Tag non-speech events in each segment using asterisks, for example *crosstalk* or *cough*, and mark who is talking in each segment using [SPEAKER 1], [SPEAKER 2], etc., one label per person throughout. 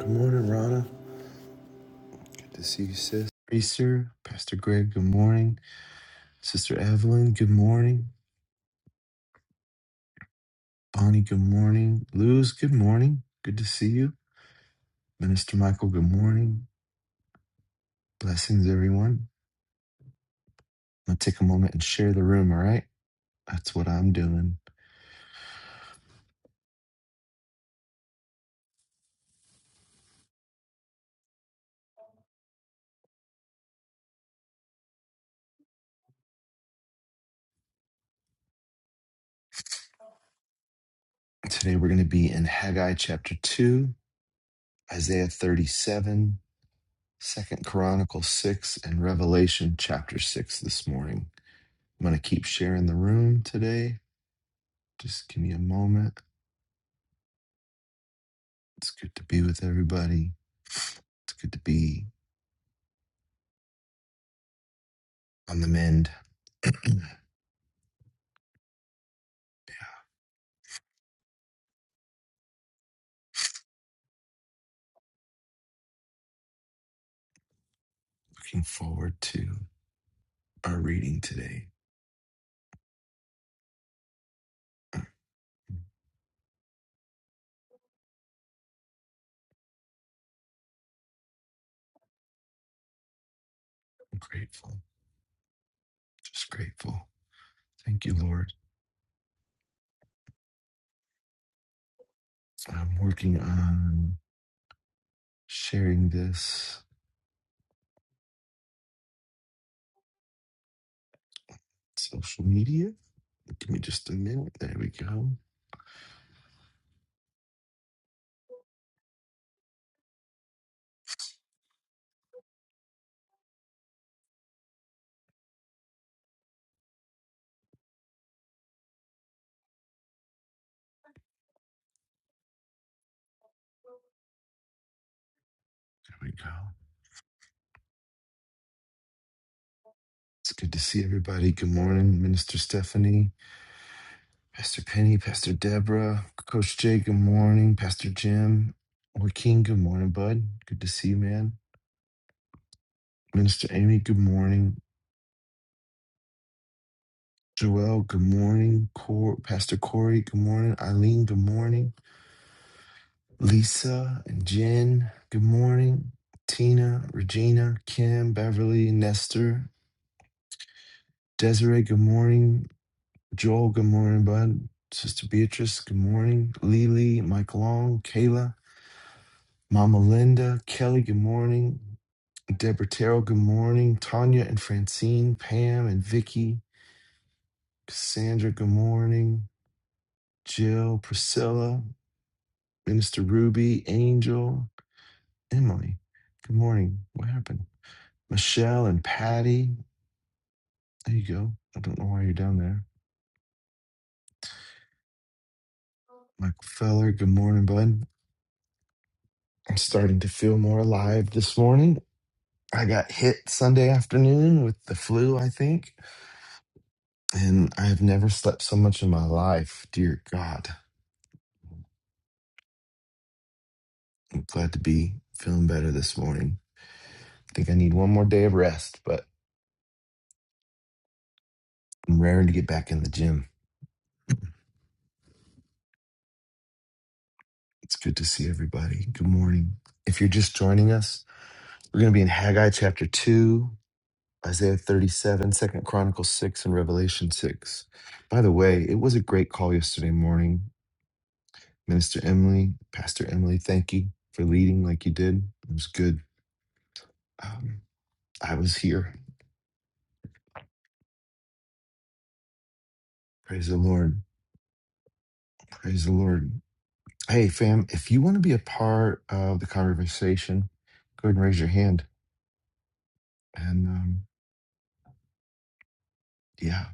[SPEAKER 1] Good morning, Rana. Good to see you, sis. Reeser, Pastor Greg, good morning. Sister Evelyn, good morning. Bonnie, good morning. Luz, good morning. Good to see you. Minister Michael, good morning. Blessings, everyone. I'm going to take a moment and share the room, all right? That's what I'm doing. Today we're going to be in Haggai chapter 2, Isaiah 37, Second Chronicles 6, and Revelation chapter 6 this morning. I'm going to keep sharing the room today. Just give me a moment. It's good to be with everybody. It's good to be on the mend. *clears throat* Looking forward to our reading today. I'm grateful, just grateful. Thank you, Lord. I'm working on sharing this social media. Give me just a minute. There we go. There we go. It's good to see everybody. Good morning, Minister Stephanie. Pastor Penny, Pastor Deborah, Coach Jay, good morning. Pastor Jim, Joaquin, good morning, bud. Good to see you, man. Minister Amy, good morning. Joel, good morning. Cor- Pastor Corey, good morning. Eileen, good morning. Lisa and Jen, good morning. Tina, Regina, Kim, Beverly, Nestor, Desiree, good morning. Joel, good morning, bud. Sister Beatrice, good morning. Lily, Mike Long, Kayla, Mama Linda, Kelly, good morning. Deborah Terrell, good morning. Tanya and Francine, Pam and Vicky, Cassandra, good morning. Jill, Priscilla, Minister Ruby, Angel, Emily, good morning. What happened? Michelle and Patty, there you go. I don't know why you're down there. Michael Feller, good morning, bud. I'm starting to feel more alive this morning. I got hit Sunday afternoon with the flu, I think, and I have never slept so much in my life. Dear God. Glad to be feeling better this morning. I think I need one more day of rest, but I'm raring to get back in the gym. It's good to see everybody. Good morning. If you're just joining us, we're going to be in Haggai chapter 2, Isaiah 37, Second Chronicles 6, and Revelation 6. By the way, it was a great call yesterday morning. Minister Emily, Pastor Emily, thank you for leading like you did. It was good. Um, I was here. Praise the Lord. Praise the Lord. Hey, fam, if you want to be a part of the conversation, go ahead and raise your hand. And um, yeah,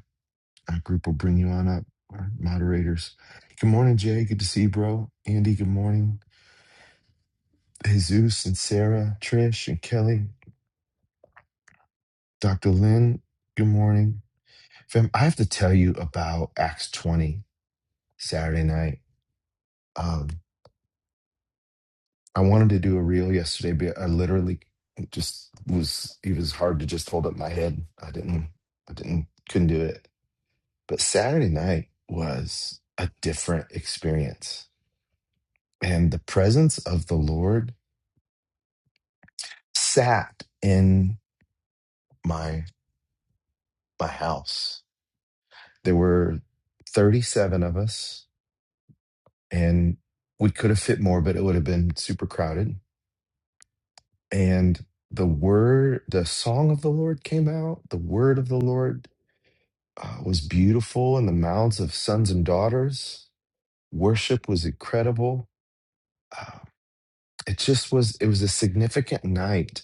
[SPEAKER 1] our group will bring you on up, our moderators. Good morning, Jay. Good to see you, bro. Andy, good morning. Jesus and Sarah, Trish and Kelly, Dr. Lynn, good morning. Fam, I have to tell you about Acts 20 Saturday night. Um, I wanted to do a reel yesterday, but I literally just was, it was hard to just hold up my head. I didn't, I didn't, couldn't do it But Saturday night was a different experience. And the presence of the Lord sat in my my house. There were 37 of us and we could have fit more, but it would have been super crowded. And the word, the song of the Lord came out. The word of the Lord uh, was beautiful in the mouths of sons and daughters. Worship was incredible. Uh, it just was, it was a significant night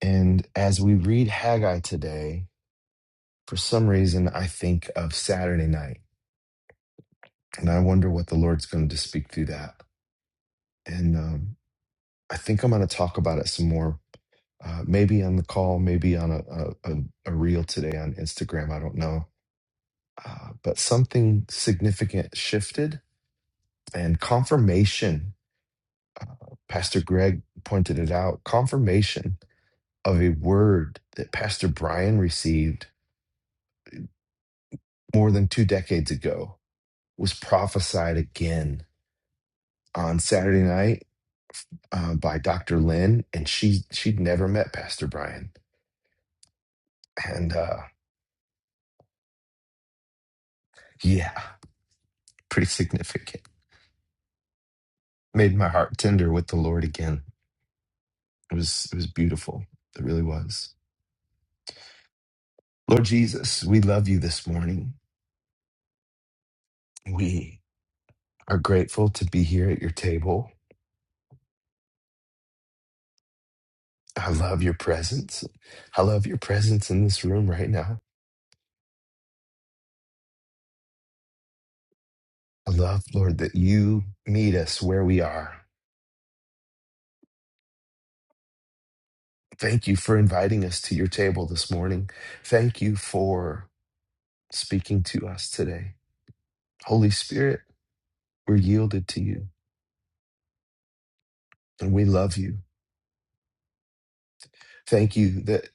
[SPEAKER 1] And as we read Haggai today, for some reason, I think of Saturday night, and I wonder what the Lord's going to speak through that. And um, I think I'm going to talk about it some more, uh, maybe on the call, maybe on a, a, a, a reel today on Instagram. I don't know. Uh, but something significant shifted and confirmation. Pastor Greg pointed it out confirmation of a word that Pastor Brian received more than two decades ago was prophesied again on Saturday night uh, by Dr. Lynn, and she she'd never met Pastor Brian, and uh, yeah, pretty significant. Made my heart tender with the Lord again. It was it was beautiful. It really was. Lord Jesus, we love you this morning. We are grateful to be here at your table. I love your presence. I love your presence in this room right now. I love, Lord, that you meet us where we are Thank you for inviting us to your table this morning. Thank you for speaking to us today. Holy Spirit, we're yielded to you and we love you. Thank you that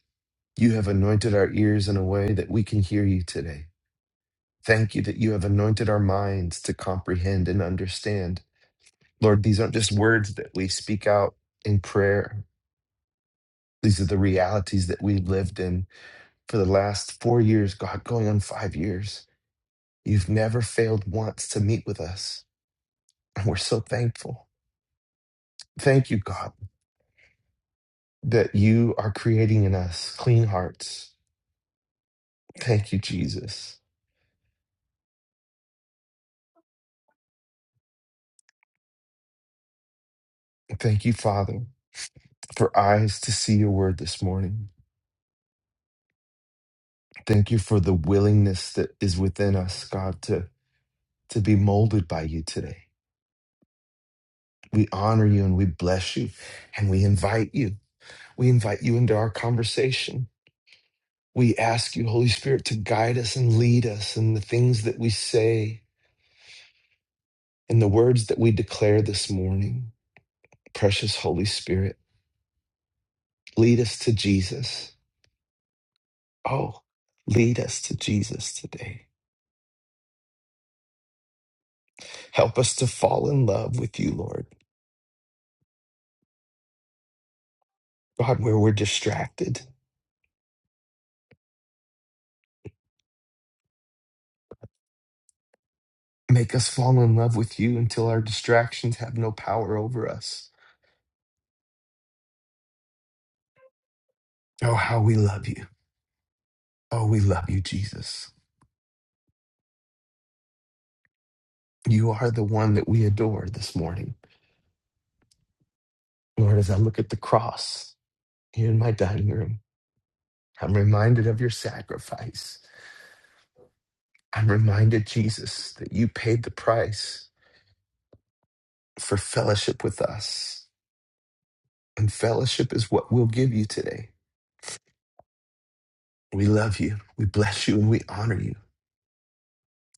[SPEAKER 1] you have anointed our ears in a way that we can hear you today. Thank you that you have anointed our minds to comprehend and understand. Lord, these aren't just words that we speak out in prayer. These are the realities that we lived in for the last four years, God, going on five years. You've never failed once to meet with us. And we're so thankful. Thank you, God, that you are creating in us clean hearts. Thank you, Jesus. Thank you, Father, for eyes to see your word this morning. Thank you for the willingness that is within us, God, to, to be molded by you today. We honor you and we bless you and we invite you. We invite you into our conversation. We ask you, Holy Spirit, to guide us and lead us in the things that we say and the words that we declare this morning. Precious Holy Spirit, lead us to Jesus. Oh, lead us to Jesus today. Help us to fall in love with you, Lord. God, where we're distracted, make us fall in love with you until our distractions have no power over us. Oh, how we love you. Oh, we love you, Jesus. You are the one that we adore this morning. Lord, as I look at the cross here in my dining room, I'm reminded of your sacrifice. I'm reminded, Jesus, that you paid the price for fellowship with us. And fellowship is what we'll give you today. We love you. We bless you and we honor you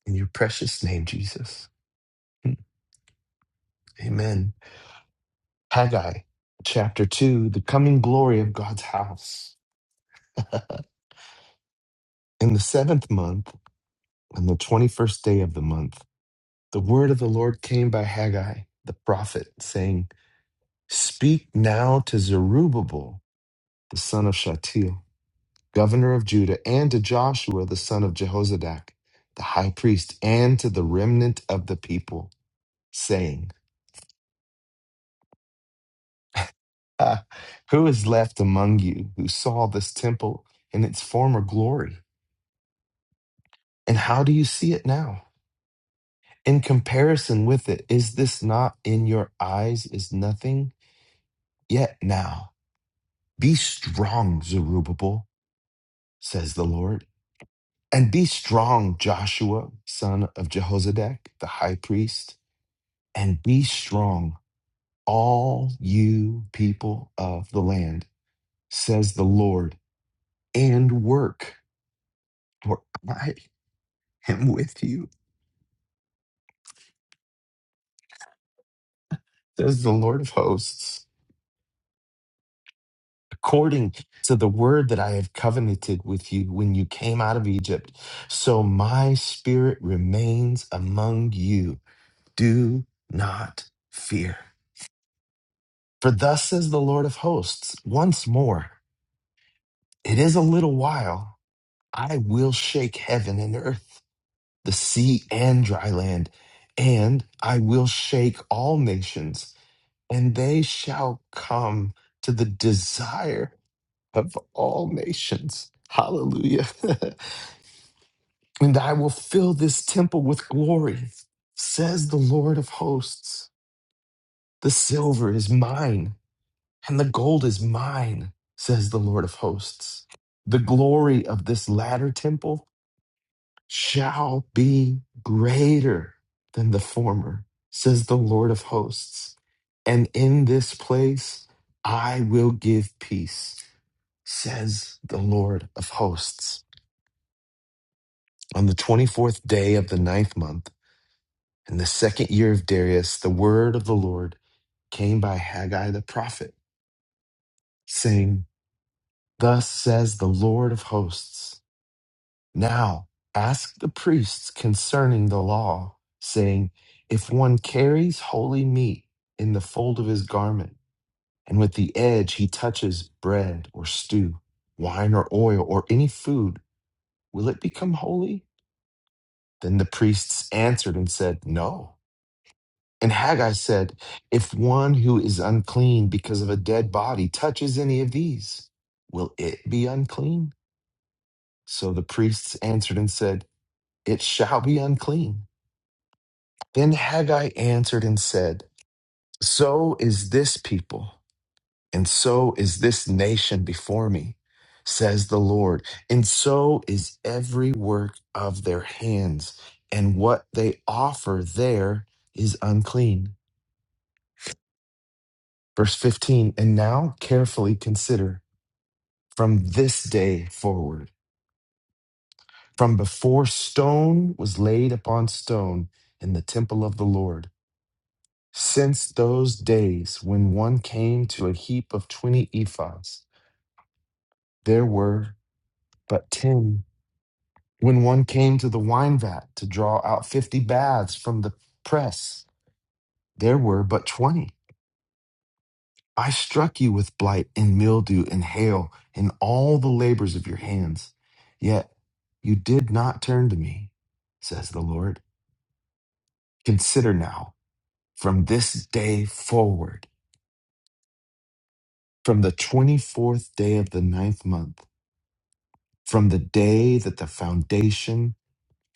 [SPEAKER 1] in your precious name, Jesus. Hmm. Amen. Haggai chapter 2, the coming glory of God's house. *laughs* In the seventh month, on the 21st day of the month, the word of the Lord came by Haggai, the prophet, saying, Speak now to Zerubbabel, the son of Shealtiel." governor of Judah, and to Joshua the son of Jehozadak, the high priest, and to the remnant of the people, saying, "Ah, Who is left among you who saw this temple in its former glory? And how do you see it now? In comparison with it, is this not in your eyes is nothing? Yet now, be strong, Zerubbabel, says the Lord, and be strong, Joshua, son of Jehozadak, the high priest, and be strong all you people of the land, says the Lord, and work, for I am with you, says the Lord of hosts. According to the word that I have covenanted with you when you came out of Egypt, so my spirit remains among you. Do not fear. For thus says the Lord of hosts, once more, it is a little while, I will shake heaven and earth the sea and dry land, and I will shake all nations, and they shall come to the desire of all nations. Hallelujah. *laughs* and I will fill this temple with glory, says the Lord of hosts. The silver is mine, and the gold is mine, says the Lord of hosts. The glory of this latter temple shall be greater than the former, says the Lord of hosts. And in this place I will give peace, says the Lord of hosts. On the 24th day of the ninth month, in the second year of Darius, the word of the Lord came by Haggai the prophet, saying, Thus says the Lord of hosts. Now ask the priests concerning the law, saying, If one carries holy meat in the fold of his garment, and with the edge he touches bread or stew, wine or oil, or any food, will it become holy? Then the priests answered and said, No. And Haggai said, If one who is unclean because of a dead body touches any of these, will it be unclean? So the priests answered and said, It shall be unclean. Then Haggai answered and said, So is this people, and so is this nation before me, says the Lord, and so is every work of their hands, and what they offer there is unclean. Verse 15, and now carefully consider from this day forward, from before stone was laid upon stone in the temple of the Lord Since those days when one came to a heap of twenty ephahs, there were but ten. When one came to the wine vat to draw out fifty baths from the press, there were but twenty. I struck you with blight and mildew and hail and all the labors of your hands. Yet you did not turn to me, says the Lord. Consider now, from this day forward, from the 24th day of the ninth month, from the day that the foundation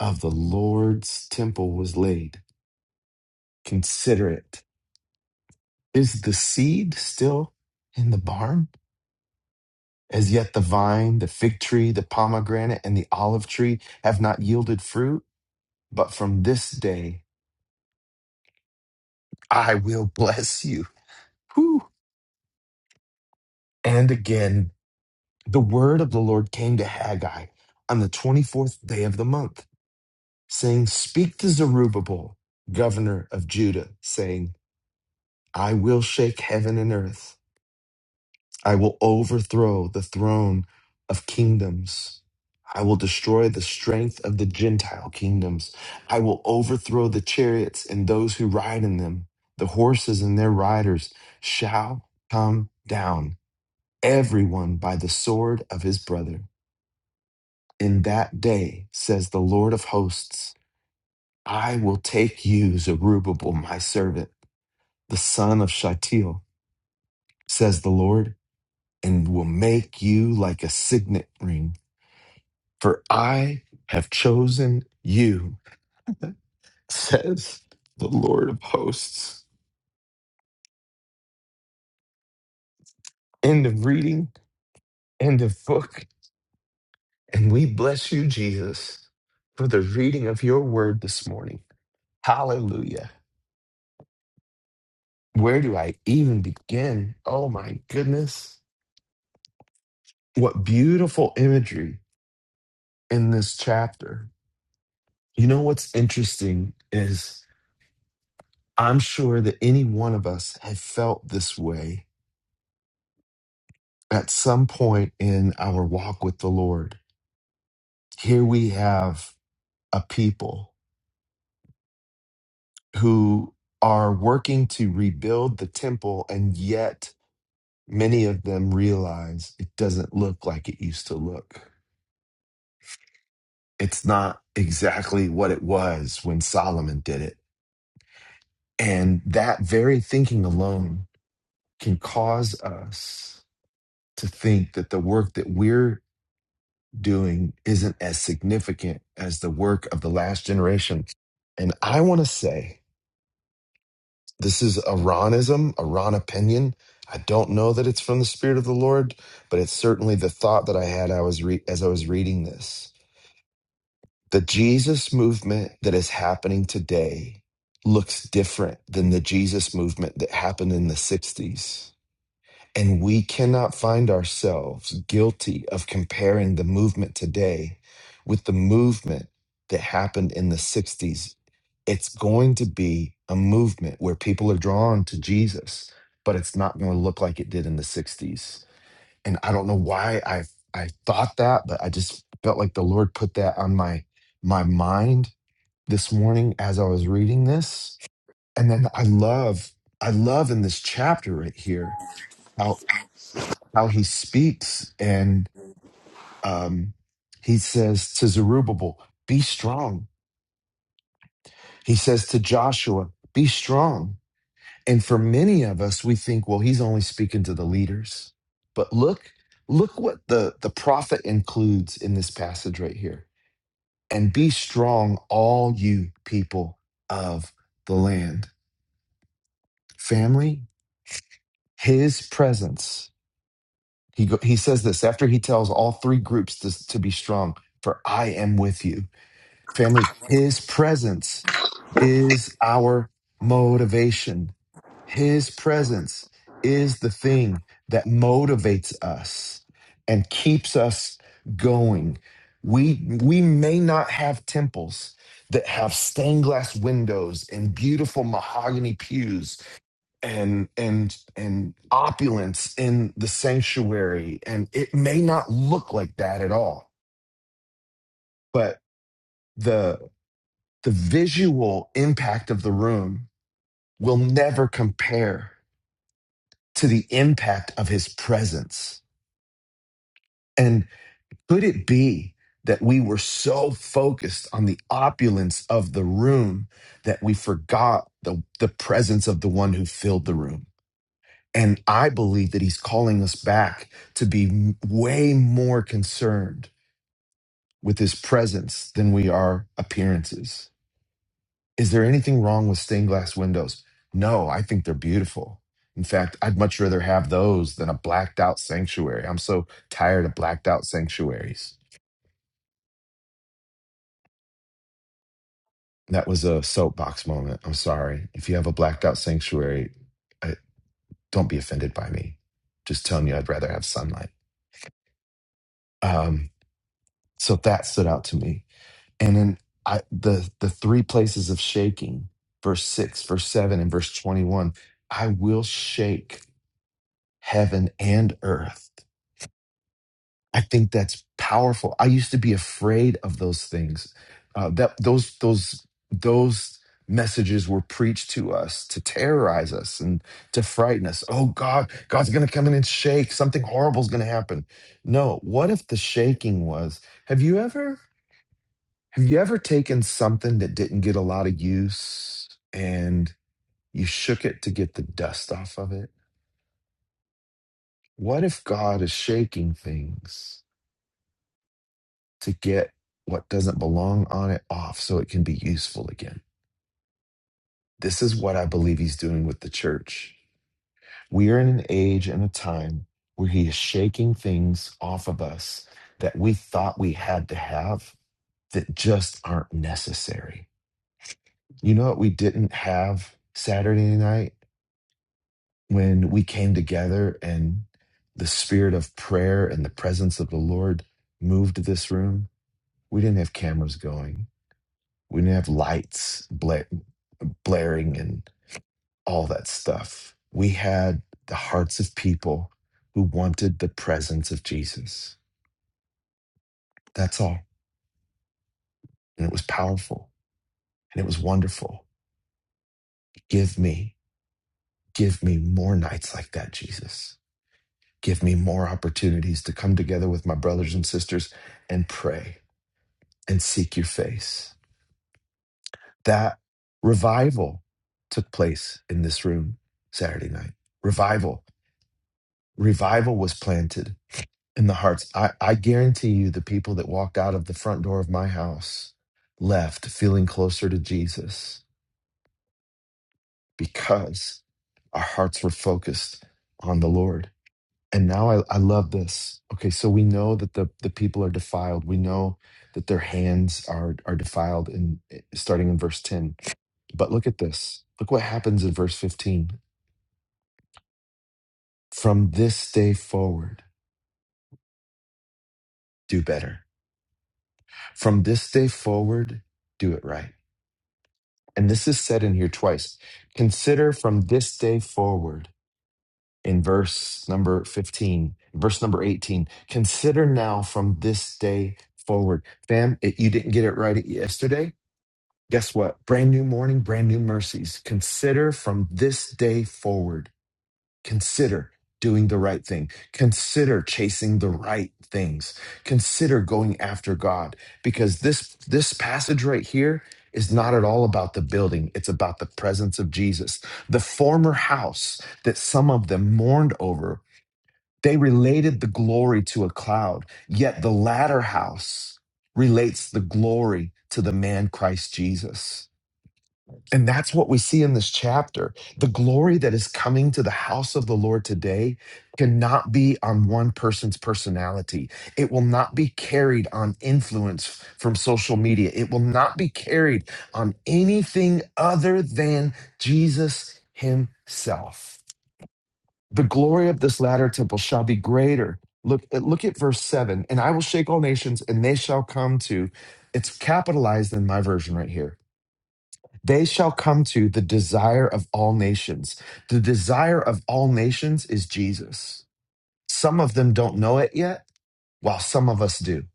[SPEAKER 1] of the Lord's temple was laid. Consider it. Is the seed still in the barn? As yet the vine, the fig tree, the pomegranate, and the olive tree have not yielded fruit, but from this day I will *laughs* bless you. Whew. And again, the word of the Lord came to Haggai on the 24th day of the month, saying, Speak to Zerubbabel, governor of Judah, saying, I will shake heaven and earth. I will overthrow the throne of kingdoms. I will destroy the strength of the Gentile kingdoms. I will overthrow the chariots and those who ride in them. The horses and their riders shall come down, everyone by the sword of his brother. In that day, says the Lord of hosts, I will take you, Zerubbabel, my servant, the son of Shealtiel, says the Lord and will make you like a signet ring. For I have chosen you, *laughs* says the Lord of hosts. End of reading, end of book. And we bless you, Jesus, for the reading of your word this morning. Hallelujah. Where do I even begin? Oh my goodness. What beautiful imagery in this chapter. You know what's interesting is. I'm sure that any one of us have felt this way at some point in our walk with the Lord. Here we have a people who are working to rebuild the temple, and yet many of them realize it doesn't look like it used to look. It's not exactly what it was when Solomon did it. And that very thinking alone can cause us to think that the work that we're doing isn't as significant as the work of the last generation. And I want to say this is Iranism, Iran opinion. I don't know that it's from the Spirit of the Lord, but it's certainly the thought that I had I was re- as I was reading this. The Jesus movement that is happening today looks different than the Jesus movement that happened in the 60s And we cannot find ourselves guilty of comparing the movement today with the movement that happened in the 60s. It's going to be a movement where people are drawn to Jesus, but it's not going to look like it did in the 60s. And I don't know why I I thought that, but I just felt like the Lord put that on my my mind this morning as I was reading this. And then I love I love in this chapter right here how he speaks and um, he says to zerubbabel be strong he says to joshua be strong and for many of us we think well he's only speaking to the leaders but look look what the the prophet includes in this passage right here and be strong all you people of the land family his presence he go, he says this after he tells all three groups to, to be strong for i am with you Family, his presence is our motivation. His presence is the thing that motivates us and keeps us going. We, we may not have temples that have stained glass windows and beautiful mahogany pews and and and opulence in the sanctuary and it may not look like that at all but the the visual impact of the room will never compare to the impact of his presence. And could it be that we were so focused on the opulence of the room that we forgot the, the presence of the one who filled the room? And I believe that he's calling us back to be way more concerned with his presence than we are appearances. Is there anything wrong with stained glass windows? No, I think they're beautiful. In fact, I'd much rather have those than a blacked out sanctuary. I'm so tired of blacked out sanctuaries. That was a soapbox moment. I'm sorry. If you have a blacked out sanctuary, I, don't be offended by me. Just telling you, I'd rather have sunlight. Um, so that stood out to me. And then I, the the three places of shaking, verse six, verse seven, and verse twenty one. I will shake heaven and earth I think that's powerful. I used to be afraid of those things. Uh, that those those those messages were preached to us to terrorize us and to frighten us. Oh God, God's going to come in and shake. Something horrible is going to happen. No, what if the shaking was? Have you ever have you ever taken something that didn't get a lot of use and you shook it to get the dust off of it? What if God is shaking things? to get what doesn't belong on it off so it can be useful again. This is what I believe he's doing with the church. We are in an age and a time where he is shaking things off of us that we thought we had to have that just aren't necessary. You know what we didn't have Saturday night when we came together and the spirit of prayer and the presence of the Lord moved this room? We didn't have cameras going. We didn't have lights bla- blaring and all that stuff. We had the hearts of people who wanted the presence of Jesus. That's all. And it was powerful and it was wonderful. Give me, give me more nights like that, Jesus. Give me more opportunities to come together with my brothers and sisters and pray and seek your face. That revival took place in this room Saturday night. Revival. Revival was planted in the hearts. I, I guarantee you, the people that walked out of the front door of my house left feeling closer to Jesus because our hearts were focused on the Lord. And now I, I love this. Okay, so we know that the, the people are defiled. We know that their hands are, are defiled in starting in verse 10. But look at this. Look what happens in verse 15. From this day forward, do better. From this day forward, do it right And this is said in here twice. Consider from this day forward in verse number 15, verse number 18. Consider now from this day forward. Fam, it, you didn't get it right yesterday. Guess what? Brand new morning, brand new mercies. Consider from this day forward Consider doing the right thing. Consider chasing the right things. Consider going after God because this this passage right here is not at all about the building. It's about the presence of Jesus. The former house that some of them mourned over, they related the glory to a cloud, yet the latter house relates the glory to the man Christ Jesus. And that's what we see in this chapter. The glory that is coming to the house of the Lord today cannot be on one person's personality. It will not be carried on influence from social media. It will not be carried on anything other than Jesus himself. The glory of this latter temple shall be greater. Look, look at verse 7 and I will shake all nations and they shall come to. It's capitalized in my version right here they shall come to the desire of all nations. The desire of all nations is Jesus. Some of them don't know it yet, while some of us do.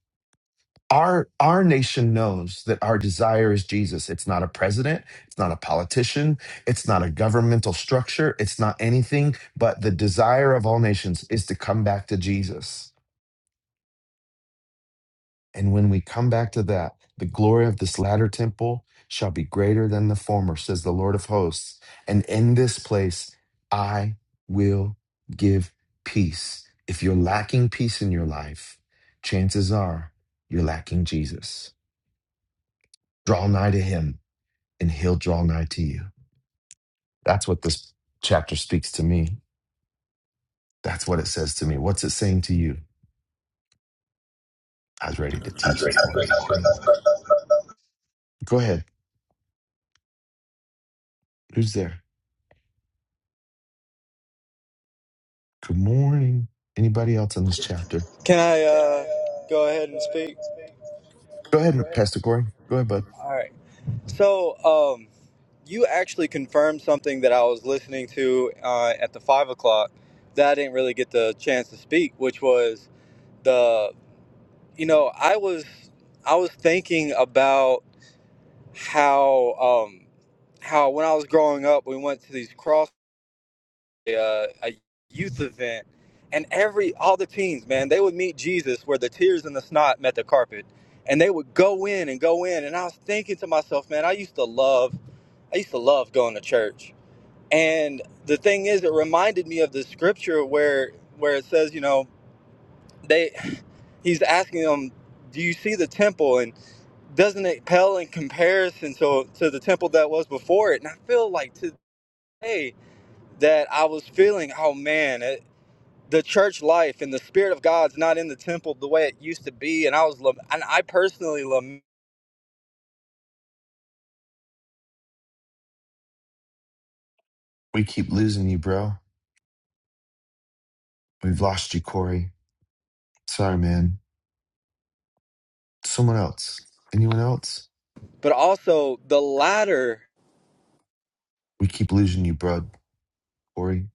[SPEAKER 1] Our, our nation knows that our desire is Jesus. It's not a president. It's not a politician. It's not a governmental structure. It's not anything, but the desire of all nations is to come back to Jesus. And when we come back to that, the glory of this latter temple shall be greater than the former, says the Lord of hosts. And in this place, I will give peace. If you're lacking peace in your life, chances are you're lacking Jesus. Draw nigh to him, and he'll draw nigh to you. That's what this chapter speaks to me. That's what it says to me. What's it saying to you? I was ready to teach this morning. Man. Go ahead. Who's there? Good morning. Anybody else in this chapter?
[SPEAKER 2] Can I uh, go ahead and speak?
[SPEAKER 1] Go ahead, Pastor Corey. Go ahead, bud.
[SPEAKER 2] All right. So, um, you actually confirmed something that I was listening to uh, at the five o'clock that I didn't really get the chance to speak, which was the you know I was I was thinking about how um, how when I was growing up we went to these crossroads. uh, a youth event, and every all the teens, man, they would meet Jesus where the tears and the snot met the carpet, and they would go in and go in. And I was thinking to myself, man, I used to love, I used to love going to church. And the thing is, it reminded me of the scripture where where it says, you know, they, *sighs* he's asking them, do you see the temple and doesn't it pale in comparison to to the temple that was before it? And I feel like today that I was feeling, oh man, the church life and the spirit of God's not in the temple the way it used to be. And I was, and I personally lament,
[SPEAKER 1] We keep losing you, bro. We've lost you, Corey. Sorry, man. Someone else. Anyone else?
[SPEAKER 2] but also the latter.
[SPEAKER 1] We keep losing you, bro. Corey.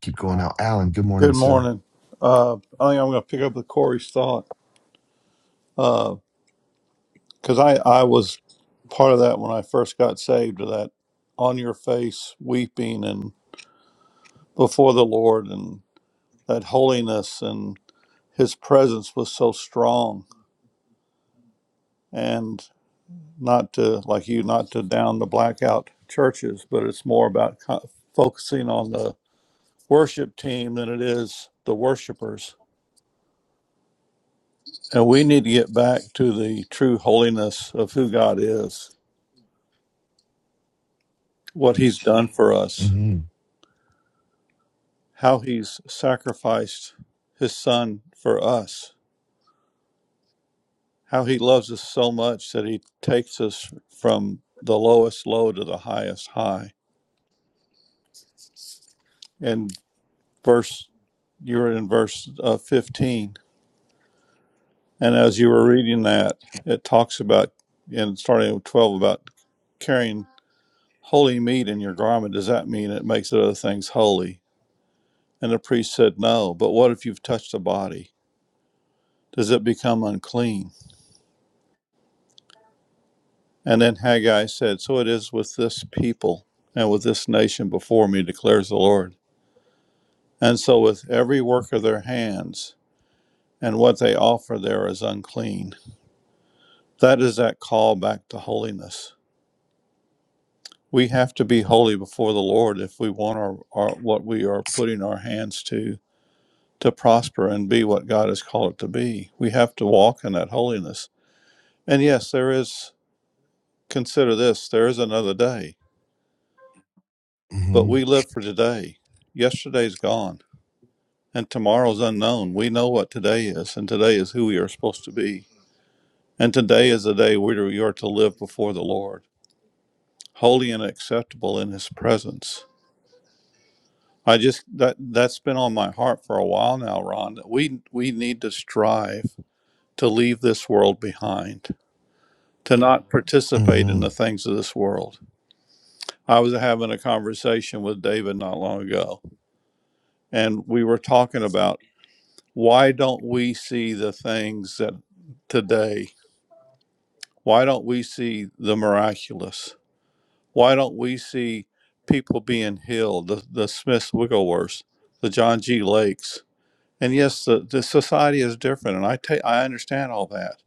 [SPEAKER 1] Keep going out. Alan, good morning,
[SPEAKER 3] Good
[SPEAKER 1] sir.
[SPEAKER 3] morning. Uh, I think I'm going to pick up with Corey's thought because I, I was part of that when I first got saved, of that on your face weeping and before the Lord and that holiness and his presence was so strong. And not to, like you, not to down the blackout churches, but it's more about co- focusing on the worship team than it is the worshipers. And we need to get back to the true holiness of who God is what he's done for us,
[SPEAKER 1] Mm-hmm.
[SPEAKER 3] how he's sacrificed his son for us, how he loves us so much that he takes us from the lowest low to the highest high. And verse, you were in verse uh, 15. And as you were reading that, it talks about, and starting with 12, about carrying holy meat in your garment. Does that mean it makes other things holy? And the priest said, No, but what if you've touched the body? Does it become unclean? And then Haggai said, So it is with this people and with this nation before me, declares the Lord. And so with every work of their hands, and what they offer there is unclean. That is that call back to holiness. We have to be holy before the Lord if we want our, our what we are putting our hands to to prosper and be what God has called it to be. We have to walk in that holiness. And yes, there is consider this, there is another day, but we
[SPEAKER 1] Mm-hmm.
[SPEAKER 3] live for today. Yesterday's gone And tomorrow's unknown. We know what today is, and today is who we are supposed to be. And today is the day where we are to live before the Lord, holy and acceptable in His presence. I just that that's been on my heart for a while now, Ron. That we we need to strive to leave this world behind, to not participate in
[SPEAKER 1] Mm-hmm.
[SPEAKER 3] the things of this world. I was having a conversation with David not long ago, and we were talking about why don't we see the things that today Why don't we see the miraculous? Why don't we see people being healed? The, the Smiths Wigglesworths, the John G. Lakes. And yes, the, the society is different, and I, ta- I understand all that.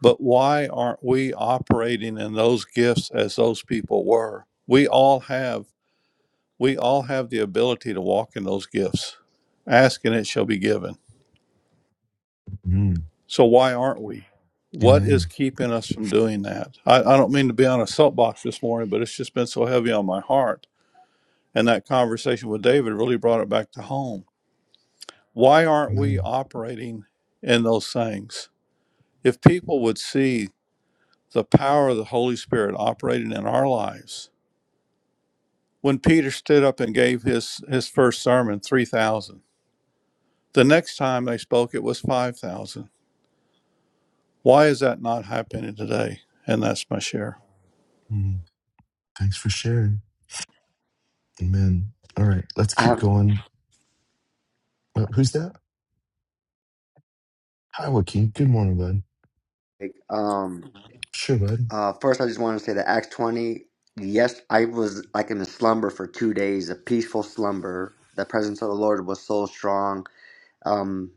[SPEAKER 3] But why aren't we operating in those gifts as those people were? We all have we all have the ability to walk in those gifts. Ask and it shall be given.
[SPEAKER 1] Mm,
[SPEAKER 3] So why aren't we? What is
[SPEAKER 1] amen.
[SPEAKER 3] keeping us from doing that? I, I don't mean to be on a soapbox this morning, but it's just been so heavy on my heart. And that conversation with David really brought it back to home. Why aren't we
[SPEAKER 1] Amen.
[SPEAKER 3] operating in those things? If people would see the power of the Holy Spirit operating in our lives, when Peter stood up and gave his, his first sermon, 3,000, the next time they spoke, it was 5,000. Why is that not happening today? And that's my share.
[SPEAKER 1] Mm, thanks for sharing. Amen. All right, let's
[SPEAKER 4] I
[SPEAKER 1] keep
[SPEAKER 4] have
[SPEAKER 1] going. Uh, who's that? Hi, Joaquin. Good morning, bud.
[SPEAKER 4] like um
[SPEAKER 1] Sure, bud.
[SPEAKER 4] uh first I just want to say that Acts twenty, yes, I was like in a slumber for two days, a peaceful slumber. The presence of the Lord was so strong. Um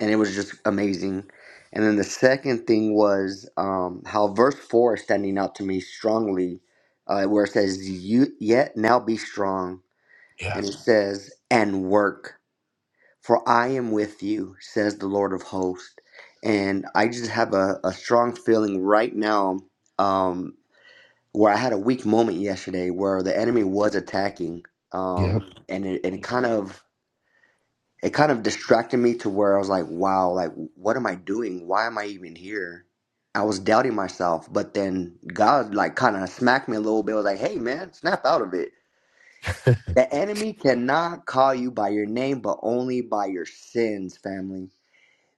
[SPEAKER 4] and it was just amazing. And then the second thing was um how verse four is standing out to me strongly, uh where it says you yet now be strong
[SPEAKER 1] Yeah.
[SPEAKER 4] and it says and work. For I am with you, says the Lord of hosts. And I just have a, a strong feeling right now um, where I had a weak moment yesterday where the enemy was attacking.
[SPEAKER 1] Yep.
[SPEAKER 4] Um, and it, and it kind of it kind of distracted me to where I was like, wow, like what am I doing? Why am I even here? I was doubting myself, but then God like kind of smacked me a little bit. I was like, hey man, snap out of it. The enemy cannot call you by your name, but only by your sins, family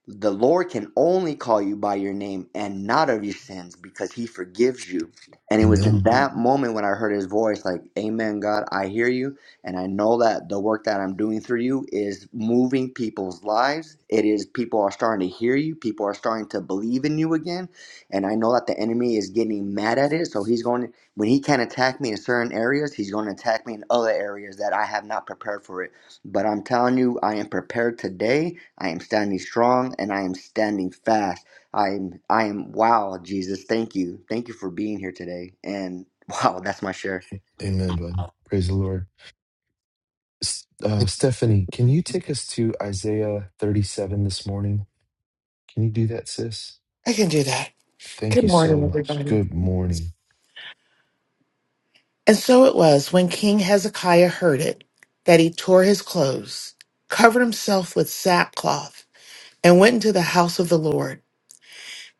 [SPEAKER 4] the Lord can only call you by your name and not of your sins because he forgives you. And it was in
[SPEAKER 1] Amen.
[SPEAKER 4] that moment when I heard his voice, like, Amen, God, I hear you. And I know that the work that I'm doing through you is moving people's lives. It is people are starting to hear you, people are starting to believe in you again. And I know that the enemy is getting mad at it. So he's going, to, when he can't attack me in certain areas, he's going to attack me in other areas that I have not prepared for it. But I'm telling you, I am prepared today. I am standing strong and I am standing fast. I am I am wow, Jesus, thank you. Thank you for being here today. And *laughs* wow, that's my share.
[SPEAKER 1] Amen, bud. Praise the Lord. S- Uh, Stephanie, can you take us to Isaiah 37 this morning? Can you do that, sis?
[SPEAKER 5] I can do that.
[SPEAKER 1] Thank
[SPEAKER 5] Good
[SPEAKER 1] you
[SPEAKER 5] morning,
[SPEAKER 1] so much.
[SPEAKER 5] everybody.
[SPEAKER 1] Good morning.
[SPEAKER 5] And so it was when King Hezekiah heard it that he tore his clothes, covered himself with sackcloth, and went into the house of the Lord.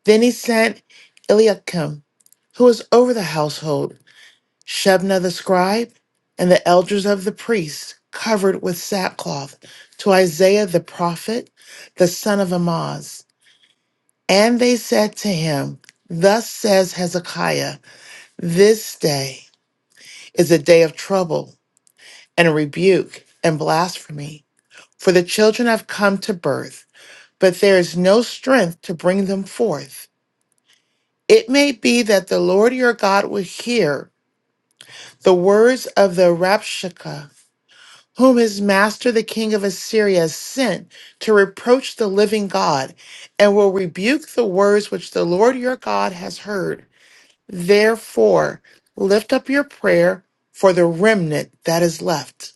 [SPEAKER 5] Then he sent Eliakim, who was over the household, Shebna the scribe, and the elders of the priests, covered with sackcloth, to Isaiah the prophet, the son of Amoz. And they said to him, Thus says Hezekiah, this day. is a day of trouble and rebuke and blasphemy. For the children have come to birth, but there is no strength to bring them forth. It may be that the Lord your God will hear the words of the Rapshakeh, whom his master the king of Assyria has sent to reproach the living God, and will rebuke the words which the Lord your God has heard. Therefore, lift up your prayer for the remnant that is left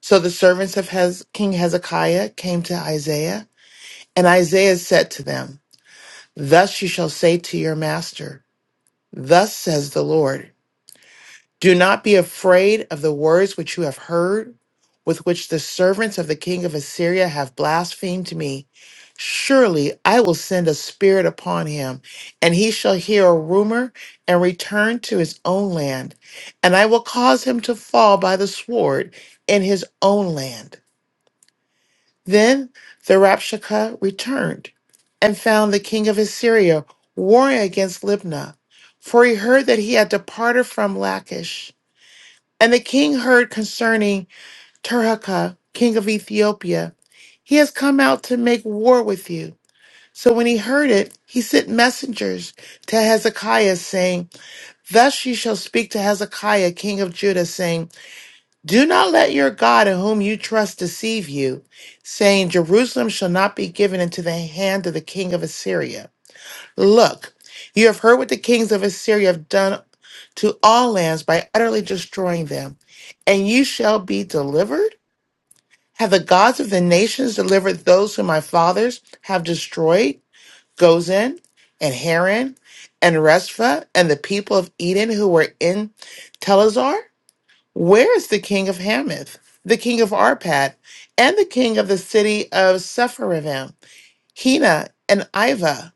[SPEAKER 5] So the servants of Hez- King Hezekiah came to Isaiah, and Isaiah said to them, Thus you shall say to your master, Thus says the Lord, Do not be afraid of the words which you have heard, with which the servants of the king of Assyria have blasphemed me. Surely I will send a spirit upon him, and he shall hear a rumor and return to his own land, and I will cause him to fall by the sword in his own land. Then the Rapshakeh returned and found the king of Assyria warring against Libnah, for he heard that he had departed from Lachish. And the king heard concerning Tirhakah, king of Ethiopia, he has come out to make war with you. So when he heard it, he sent messengers to Hezekiah, saying, Thus you shall speak to Hezekiah, king of Judah, saying, do not let your God in whom you trust deceive you, saying, Jerusalem shall not be given into the hand of the king of Assyria. Look, you have heard what the kings of Assyria have done to all lands by utterly destroying them, and you shall be delivered? Have the gods of the nations delivered those whom my fathers have destroyed? Gozan and Haran and Reshpha and the people of Eden who were in Telazar? Where is the king of Hamath, the king of Arpad, and the king of the city of Sepharvaim, Hena and Iva?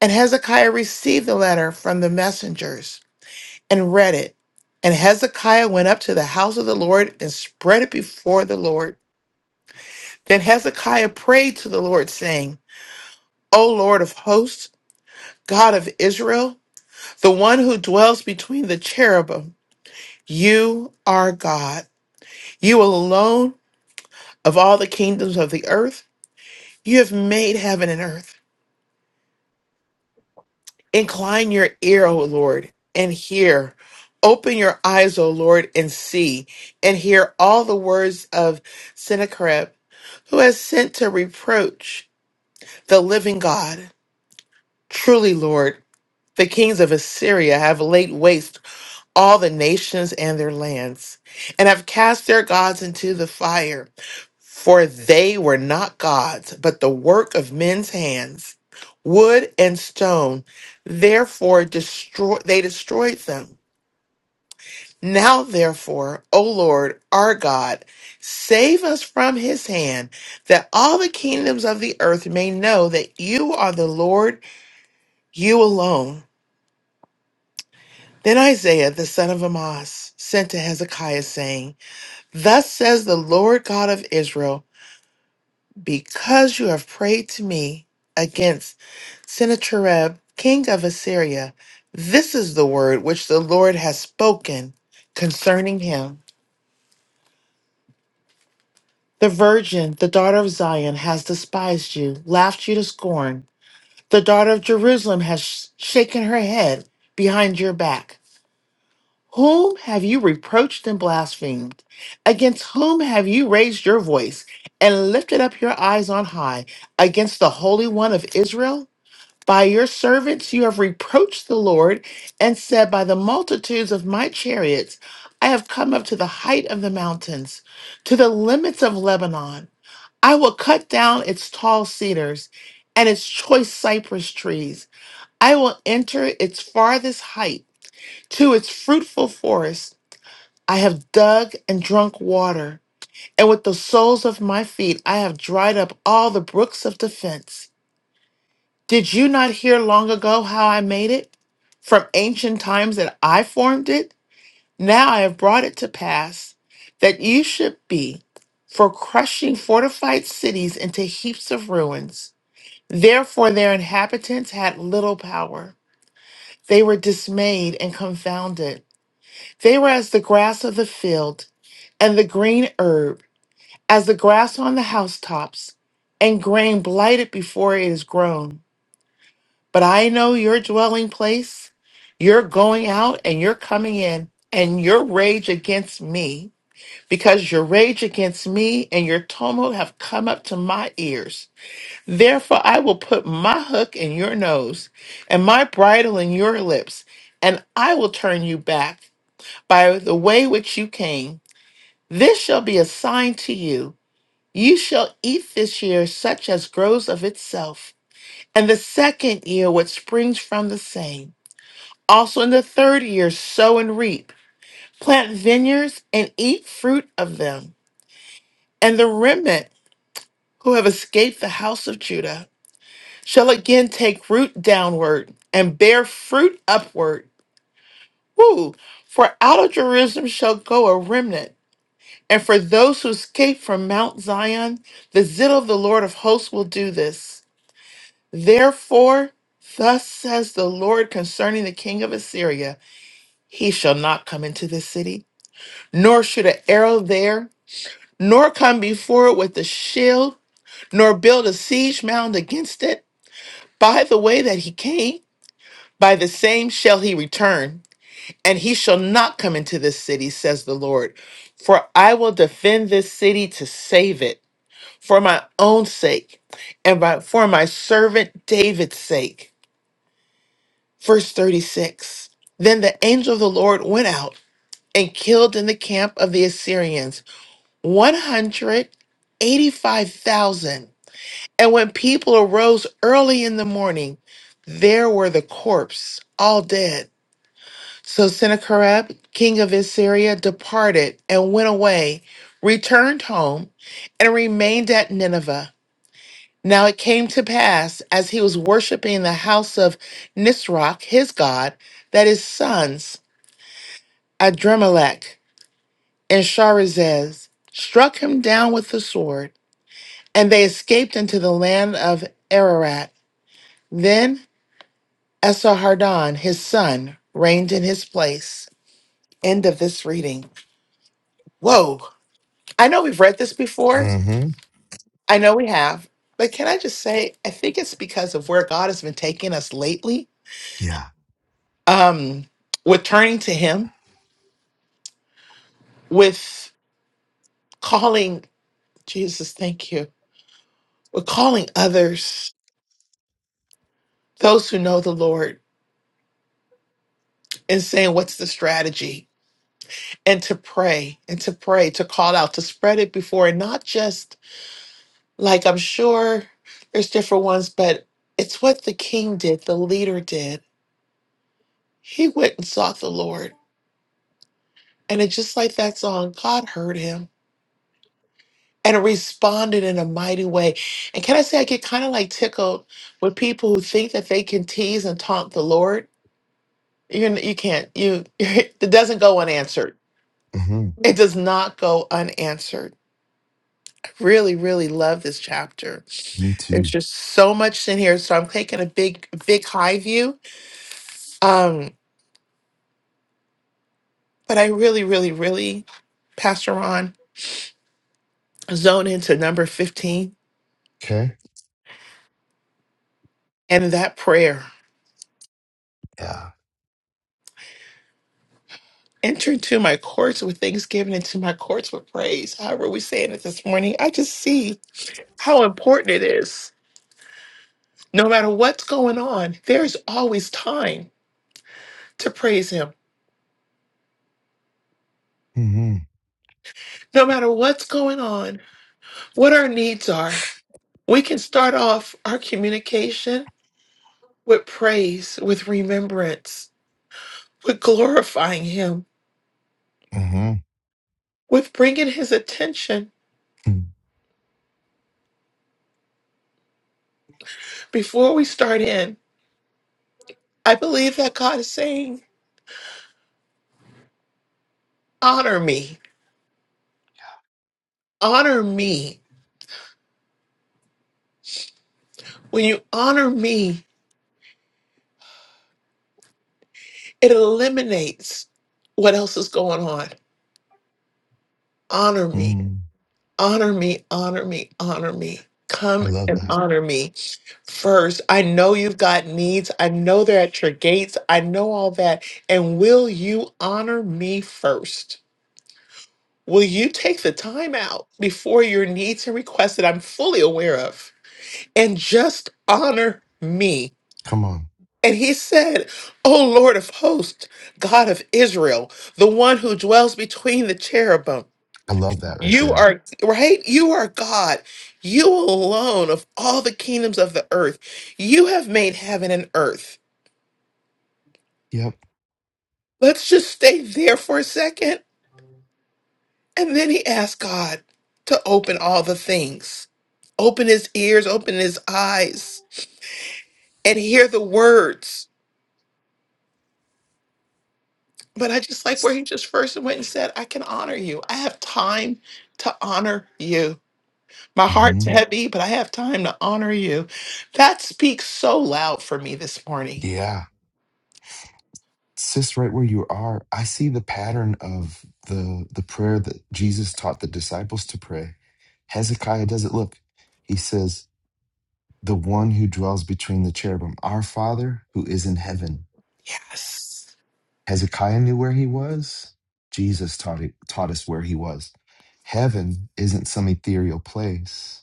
[SPEAKER 5] And Hezekiah received the letter from the messengers and read it. And Hezekiah went up to the house of the Lord and spread it before the Lord. Then Hezekiah prayed to the Lord, saying, O Lord of hosts, God of Israel, the one who dwells between the cherubim, you are God. You alone of all the kingdoms of the earth. You have made heaven and earth. Incline your ear, O Lord, and hear. Open your eyes, O Lord, and see, and hear all the words of Sennacherib, who has sent to reproach the living God. Truly, Lord, the kings of Assyria have laid waste all the nations and their lands, and have cast their gods into the fire. For they were not gods, but the work of men's hands, wood and stone. Therefore, destroy, they destroyed them. Now, therefore, O Lord, our God, save us from his hand, that all the kingdoms of the earth may know that you are the Lord, you alone. Then Isaiah, the son of Amoz, sent to Hezekiah, saying, Thus says the Lord God of Israel, because you have prayed to me against Sennacherib, king of Assyria, this is the word which the Lord has spoken concerning him. The virgin, the daughter of Zion, has despised you, laughed you to scorn. The daughter of Jerusalem has sh- shaken her head behind your back. Whom have you reproached and blasphemed? Against whom have you raised your voice and lifted up your eyes on high? Against the Holy One of Israel? By your servants you have reproached the Lord and said, By the multitudes of my chariots I have come up to the height of the mountains, to the limits of Lebanon. I will cut down its tall cedars and its choice cypress trees. I will enter its farthest height to its fruitful forests I have dug and drunk water, and with the soles of my feet I have dried up all the brooks of defense. Did you not hear long ago how I made it? From ancient times that I formed it? Now I have brought it to pass that you should be for crushing fortified cities into heaps of ruins. Therefore, their inhabitants had little power. They were dismayed and confounded. They were as the grass of the field and the green herb. as the grass on the housetops, and grain blighted before it is grown. But I know your dwelling place, you're going out and you're coming in, and your rage against me, because your rage against me and your tumult have come up to my ears. Therefore, I will put my hook in your nose and my bridle in your lips, and I will turn you back by the way which you came. This shall be a sign to you. You shall eat this year such as grows of itself, and the second year what springs from the same. Also in the third year sow and reap, plant vineyards and eat fruit of them. And the remnant who have escaped the house of Judah shall again take root downward and bear fruit upward. Woo! For out of Jerusalem shall go a remnant, and for those who escape from Mount Zion, the zeal of the Lord of hosts will do this. Therefore, thus says the Lord concerning the king of Assyria He shall not come into this city, nor shoot an arrow there, nor come before it with a shield, nor build a siege mound against it. By the way that he came, by the same shall he return, and he shall not come into this city, says the Lord. For I will defend this city to save it, for my own sake, and by, for my servant David's sake. Verse 36 Then the angel of the Lord went out and killed in the camp of the Assyrians 185,000. And when people arose early in the morning, there were the corpse, all dead. So Sennacherib, king of Assyria, departed and went away, returned home, and remained at Nineveh. Now it came to pass, as he was worshiping in the house of Nisroch, his god, that his sons Adremelech, and Sharazez struck him down with the sword, and they escaped into the land of Ararat. Then Esarhaddon, his son, reigned in his place. End of this reading. Whoa. I know we've read this before.
[SPEAKER 1] Mm-hmm.
[SPEAKER 5] I know we have. But can I just say, I think it's because of where God has been taking us lately.
[SPEAKER 1] Yeah.
[SPEAKER 5] Um, with turning to Him, with calling, Jesus, thank you, with calling others, those who know the Lord and saying, What's the strategy? And to pray and to pray, to call out, to spread it before, and not just like I'm sure there's different ones, but it's what the king did, the leader did. He went and sought the Lord. And it's just like that song, God heard him and responded in a mighty way. And can I say, I get kind of like tickled with people who think that they can tease and taunt the Lord. You're, n- you can't, you, *laughs* it doesn't go unanswered.
[SPEAKER 1] Mm-hmm.
[SPEAKER 5] It does not go unanswered Really, really love this chapter.
[SPEAKER 1] Me
[SPEAKER 5] There's
[SPEAKER 1] too.
[SPEAKER 5] just so much in here. So I'm taking a big, big high view. Um, but I really, really, really, Pastor Ron, zone into number 15
[SPEAKER 1] Okay.
[SPEAKER 5] and that prayer.
[SPEAKER 1] Yeah.
[SPEAKER 5] Enter into my courts with thanksgiving, into my courts with praise. However, we saying it this morning. I just see how important it is. No matter what's going on, there's always time to praise him.
[SPEAKER 1] Mm-hmm.
[SPEAKER 5] No matter what's going on, what our needs are. We can start off our communication with praise, with remembrance, with glorifying Him,
[SPEAKER 1] Mm-hmm.
[SPEAKER 5] with bringing His attention before we start in. I believe that God is saying, Honor me, honor me. When you honor me, it eliminates what else is going on. Honor me.
[SPEAKER 1] Mm-hmm.
[SPEAKER 5] honor me, honor me, honor me.
[SPEAKER 1] I
[SPEAKER 5] Come
[SPEAKER 1] love
[SPEAKER 5] and
[SPEAKER 1] that.
[SPEAKER 5] honor me first. I know you've got needs. I know they're at your gates. I know all that. And will you honor me first? Will you take the time out before your needs and requests that I'm fully aware of and just honor me?
[SPEAKER 1] Come on.
[SPEAKER 5] And he said, O Lord of hosts, God of Israel, the one who dwells between the cherubim.
[SPEAKER 1] I love that right
[SPEAKER 5] You
[SPEAKER 1] there.
[SPEAKER 5] are right. You are God. You alone of all the kingdoms of the earth. You have made heaven and earth.
[SPEAKER 1] Yep.
[SPEAKER 5] Let's just stay there for a second. And then he asked God to open all the things, open his ears, open his eyes, and hear the words. But I just like where he just first went and said, I can honor you. I have time to honor you. My heart's
[SPEAKER 1] Mm-hmm.
[SPEAKER 5] heavy, but I have time to honor you. That speaks so loud for me this morning
[SPEAKER 1] Yeah. Sis, right where you are, I see the pattern of the the prayer that Jesus taught the disciples to pray. Hezekiah does it. Look, he says, "The one who dwells between the cherubim, our Father who is in heaven."
[SPEAKER 5] Yes.
[SPEAKER 1] Hezekiah knew where he was. Jesus taught it, taught us where he was. Heaven isn't some ethereal place.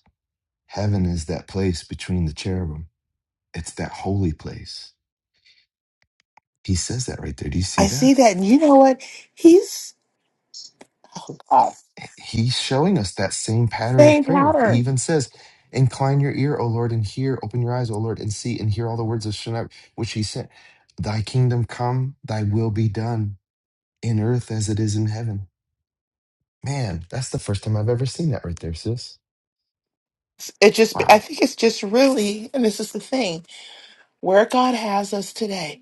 [SPEAKER 1] Heaven is that place between the cherubim. It's that holy place. He says that right there. Do you
[SPEAKER 5] I
[SPEAKER 1] see that?
[SPEAKER 5] see that. And you know what? He's oh God,
[SPEAKER 1] he's showing us that same pattern of
[SPEAKER 5] same
[SPEAKER 1] prayer. He
[SPEAKER 5] pattern.
[SPEAKER 1] even says, Incline your ear, O Lord, and hear. Open your eyes, O Lord, and see and hear all the words of Shema, which he sent. Thy kingdom come, thy will be done in earth as it is in heaven. Man, that's the first time I've ever seen that right there, sis.
[SPEAKER 5] It just, I
[SPEAKER 1] Wow.
[SPEAKER 5] think it's just really, and this is the thing where God has us today,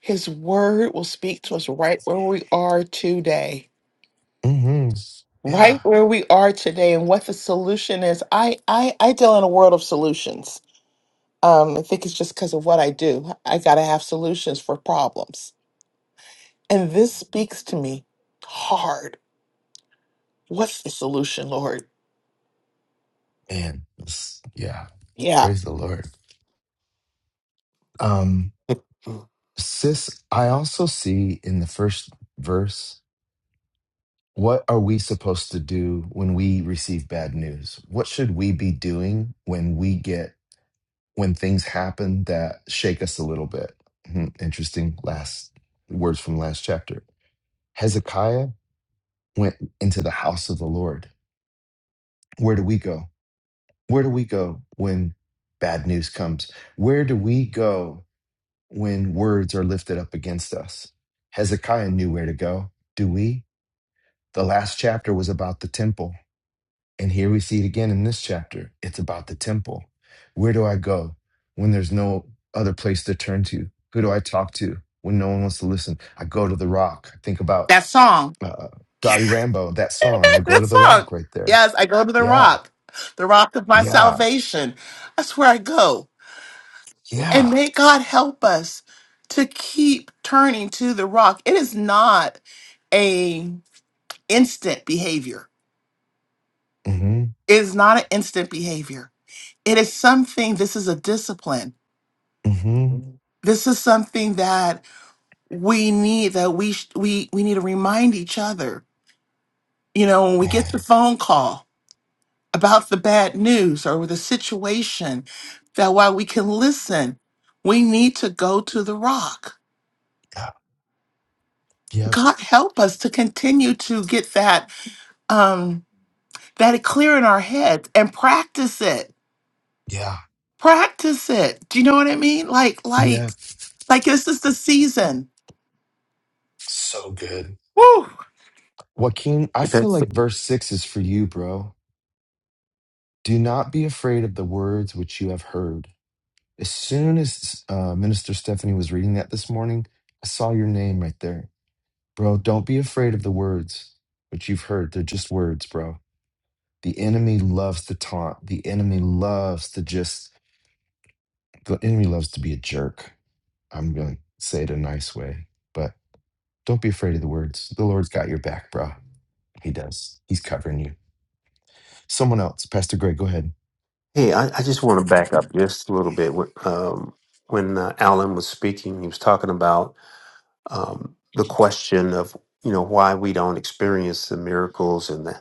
[SPEAKER 5] His word will speak to us right where we are today.
[SPEAKER 1] hmm Yeah.
[SPEAKER 5] Right where we are today, and what the solution is. I I, I deal in a world of solutions. Um, I think it's just because of what I do. I got to have solutions for problems, and this speaks to me hard. What's the solution, Lord?
[SPEAKER 1] Man, this- yeah.
[SPEAKER 5] Yeah,
[SPEAKER 1] Praise the Lord. Um, sis, I also see in the first verse What are we supposed to do when we receive bad news? What should we be doing when we get when things happen that shake us a little bit? Hmm, Interesting last words from last chapter. Hezekiah went into the house of the Lord. Where do we go? Where do we go when bad news comes? Where do we go when words are lifted up against us? Hezekiah knew where to go. Do we? The last chapter was about the temple. And here we see it again in this chapter. It's about the temple. Where do I go when there's no other place to turn to? Who do I talk to when no one wants to listen? I go to the rock. I think about
[SPEAKER 5] That song.
[SPEAKER 1] uh, Dottie Rambo, that song. I
[SPEAKER 5] *laughs*
[SPEAKER 1] go
[SPEAKER 5] that
[SPEAKER 1] to the
[SPEAKER 5] song.
[SPEAKER 1] rock right there.
[SPEAKER 5] Yes, I go to the
[SPEAKER 1] Yeah,
[SPEAKER 5] rock, the rock of my
[SPEAKER 1] yeah,
[SPEAKER 5] salvation. That's where I go. And
[SPEAKER 1] yeah.
[SPEAKER 5] may God help us to keep turning to the rock. It is not a instant behavior.
[SPEAKER 1] Mm-hmm,
[SPEAKER 5] It is not an instant behavior. It is something, this is a discipline.
[SPEAKER 1] mm-hmm.
[SPEAKER 5] This is something that we need that we sh- we we need to remind each other. You know, when we get the
[SPEAKER 1] And
[SPEAKER 5] phone call, about the bad news or the situation that while we can listen, we need to go to the rock.
[SPEAKER 1] yeah, yep,
[SPEAKER 5] God help us to continue to get that um that clear in our heads and practice it.
[SPEAKER 1] yeah,
[SPEAKER 5] Practice it. Do you know what I mean? Like like
[SPEAKER 1] yep.
[SPEAKER 5] like this is the season.
[SPEAKER 1] So good.
[SPEAKER 5] Woo!
[SPEAKER 1] Joaquin, I
[SPEAKER 6] Hey,
[SPEAKER 1] feel
[SPEAKER 6] Pastor.
[SPEAKER 1] like verse six is for you, bro. Do not be afraid of the words which you have heard As soon as uh, Minister Stephanie was reading that this morning, I saw your name right there. Bro, don't be afraid of the words which you've heard. They're just words, bro. The enemy loves to taunt. The enemy loves to just, the enemy loves to be a jerk. I'm going to say it a nice way, but don't be afraid of the words. The Lord's got your back, bro. He does. He's covering you. Someone else, Pastor Greg, go ahead.
[SPEAKER 6] Hey, I, I just want to back up just a little bit. Wh- Um, when uh, Alan was speaking, he was talking about um, the question of you know why we don't experience the miracles and the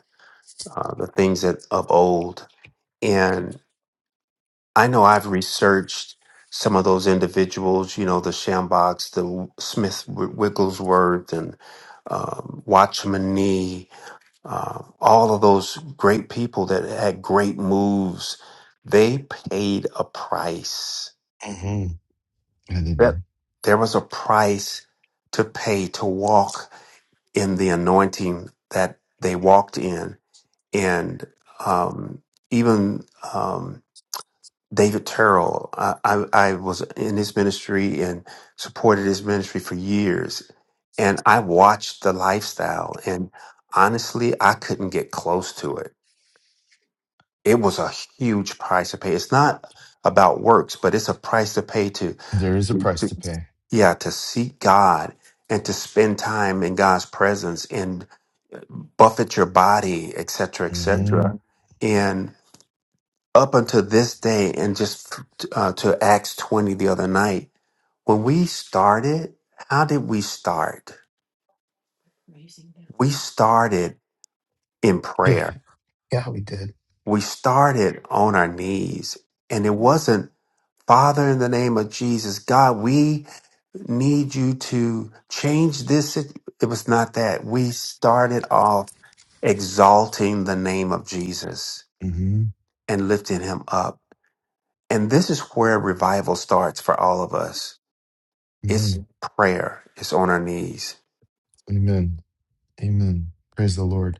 [SPEAKER 6] uh, the things that of old. And I know I've researched some of those individuals. You know, the Shambox, the Smith Wigglesworth, and um, Watchman Nee um, all of those great people that had great moves, they paid a price.
[SPEAKER 1] hmm Yeah, they
[SPEAKER 6] Yep.
[SPEAKER 1] did.
[SPEAKER 6] There was a price to pay to walk in the anointing that they walked in. And um, even um, David Terrell, I, I, I was in his ministry and supported his ministry for years. And I watched the lifestyle, and honestly, I couldn't get close to it it was a huge price to pay. It's not about works, but it's a price to pay to,
[SPEAKER 1] There is a price to pay.
[SPEAKER 6] yeah, to seek God and to spend time in God's presence and buffet your body, et cetera, et cetera.
[SPEAKER 1] hmm
[SPEAKER 6] Mhm. And up until this day, and just uh, to Acts 20 the other night, when we started, how did we start? We started in
[SPEAKER 1] Yeah,
[SPEAKER 6] prayer.
[SPEAKER 1] yeah, we did.
[SPEAKER 6] We started on our knees. And it wasn't Father, in the name of Jesus, God, we need you to change this. sit- It was not that. We started off exalting the name of Jesus
[SPEAKER 1] hmm
[SPEAKER 6] and lifting him up. And this is where revival starts for all of us.
[SPEAKER 1] Amen.
[SPEAKER 6] It's prayer, it's on our knees.
[SPEAKER 1] Amen. Amen. Praise the Lord.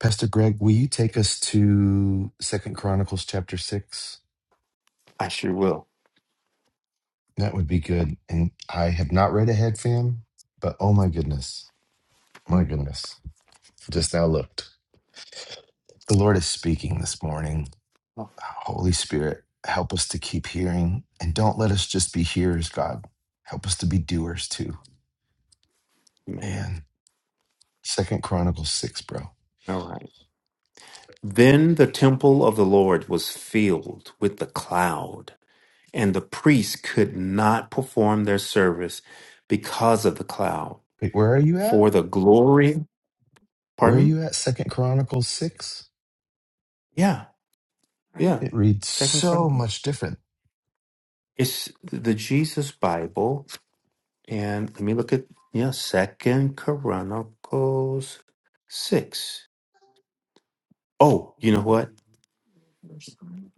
[SPEAKER 1] Pastor Greg, will you take us to Second Chronicles chapter six?
[SPEAKER 6] I sure will.
[SPEAKER 1] That would be good. And I have not read ahead, fam, but oh my goodness. My goodness. Just now looked. The Lord is speaking this morning.
[SPEAKER 6] Oh,
[SPEAKER 1] Holy Spirit, help us to keep hearing and don't let us just be hearers, God. Help us to be doers too.
[SPEAKER 6] man.
[SPEAKER 1] Man. Second Chronicles six, bro.
[SPEAKER 6] All right. Then the temple of the Lord was filled with the cloud and the priests could not perform their service because of the cloud
[SPEAKER 1] Wait, where are you
[SPEAKER 6] for
[SPEAKER 1] at?
[SPEAKER 6] the glory
[SPEAKER 1] Where are
[SPEAKER 6] pardon me
[SPEAKER 1] you at? Second Chronicles six.
[SPEAKER 6] yeah yeah
[SPEAKER 1] It reads
[SPEAKER 6] second
[SPEAKER 1] so
[SPEAKER 6] Corinthians.
[SPEAKER 1] much different.
[SPEAKER 6] it's the jesus bible and let me look at yeah second chronicles 6 oh you know what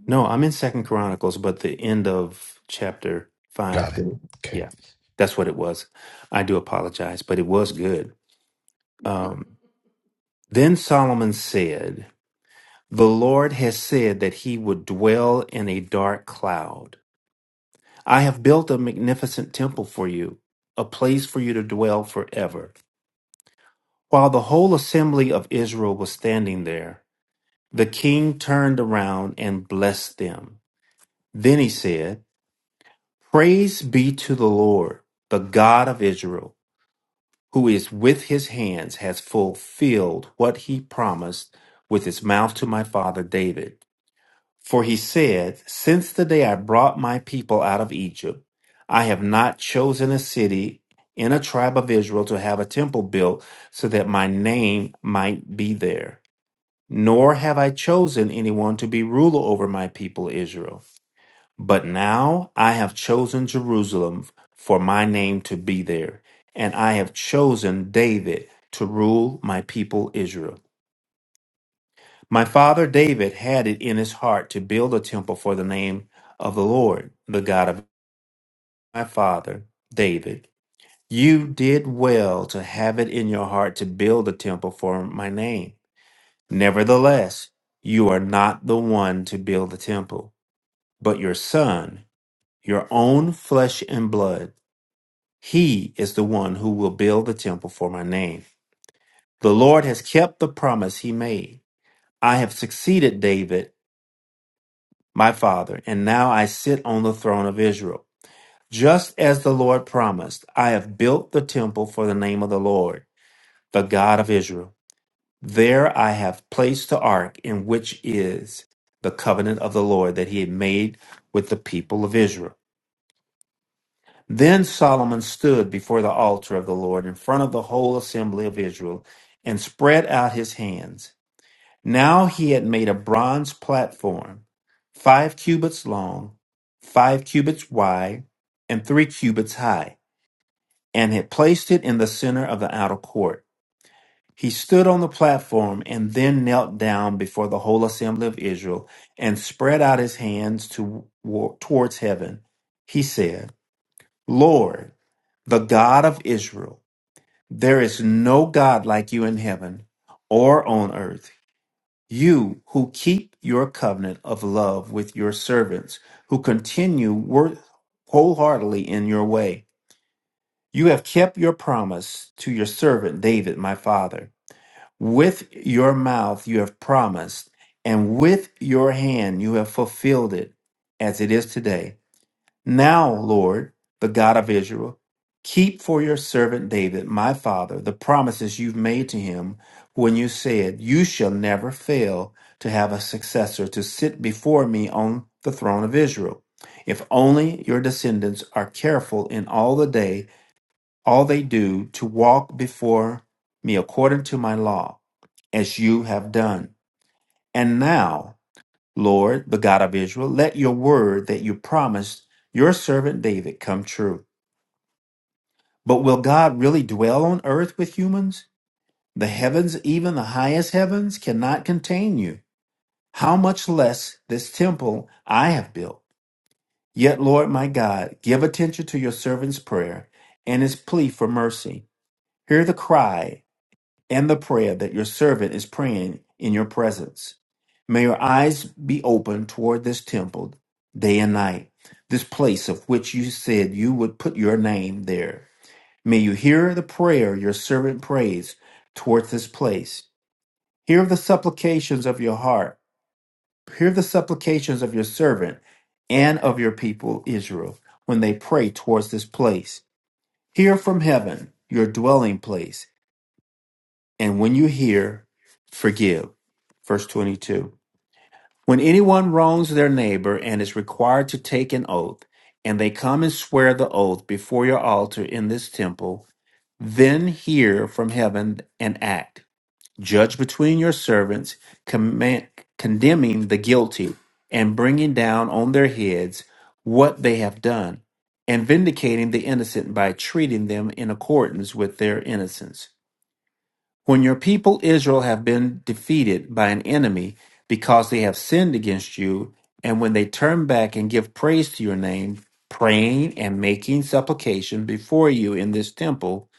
[SPEAKER 6] no i'm in second chronicles but the end of chapter 5
[SPEAKER 1] Got it.
[SPEAKER 6] Good.
[SPEAKER 1] Okay.
[SPEAKER 6] yeah that's what it was i do apologize but it was good um then solomon said The Lord has said that he would dwell in a dark cloud. I have built a magnificent temple for you, a place for you to dwell forever. While the whole assembly of Israel was standing there, the king turned around and blessed them. Then he said, Praise be to the Lord, the God of Israel, who is with his hands has fulfilled what he promised with his mouth to my father David. For he said, Since the day I brought my people out of Egypt, I have not chosen a city in a tribe of Israel to have a temple built so that my name might be there. Nor have I chosen anyone to be ruler over my people Israel. But now I have chosen Jerusalem for my name to be there, and I have chosen David to rule my people Israel. My father David had it in his heart to build a temple for the name of the Lord, the God of my father David. You did well to have it in your heart to build a temple for my name. Nevertheless, you are not the one to build the temple, but your son, your own flesh and blood. He is the one who will build the temple for my name. The Lord has kept the promise he made. I have succeeded David my father, and now I sit on the throne of Israel. Just as the Lord promised, I have built the temple for the name of the Lord, the God of Israel. There I have placed the ark, in which is the covenant of the Lord that he had made with the people of Israel. Then Solomon stood before the altar of the Lord in front of the whole assembly of Israel and spread out his hands. Now he had made a bronze platform, five cubits long, five cubits wide, and three cubits high, and had placed it in the center of the outer court. He stood on the platform and then knelt down before the whole assembly of Israel and spread out his hands to, towards heaven. He said, Lord, the God of Israel, there is no God like you in heaven or on earth you who keep your covenant of love with your servants, who continue work wholeheartedly in your way. You have kept your promise to your servant David, my father. With your mouth you have promised, and with your hand you have fulfilled it, as it is today. Now, Lord, the God of Israel, keep for your servant David, my father, the promises you've made to him when you said, You shall never fail to have a successor to sit before me on the throne of Israel. If only your descendants are careful in all the day, all they do, to walk before me according to my law, as you have done. And now, Lord, the God of Israel, let your word that you promised your servant David come true. But will God really dwell on earth with humans? The heavens, even the highest heavens, cannot contain you. How much less this temple I have built? Yet, Lord my God, give attention to your servant's prayer and his plea for mercy. Hear the cry and the prayer that your servant is praying in your presence. May your eyes be open toward this temple day and night, this place of which you said you would put your name there. May you hear the prayer your servant prays towards this place. Hear the supplications of your heart. Hear the supplications of your servant and of your people Israel when they pray towards this place. Hear from heaven, your dwelling place and when you hear, forgive. Verse 22. When anyone wrongs their neighbor and is required to take an oath, and they come and swear the oath before your altar in this temple, then hear from heaven and act. Judge between your servants, command, condemning the guilty and bringing down on their heads what they have done, and vindicating the innocent by treating them in accordance with their innocence. When your people Israel have been defeated by an enemy because they have sinned against you, and when they turn back and give praise to your name, praying and making supplication before you in this temple,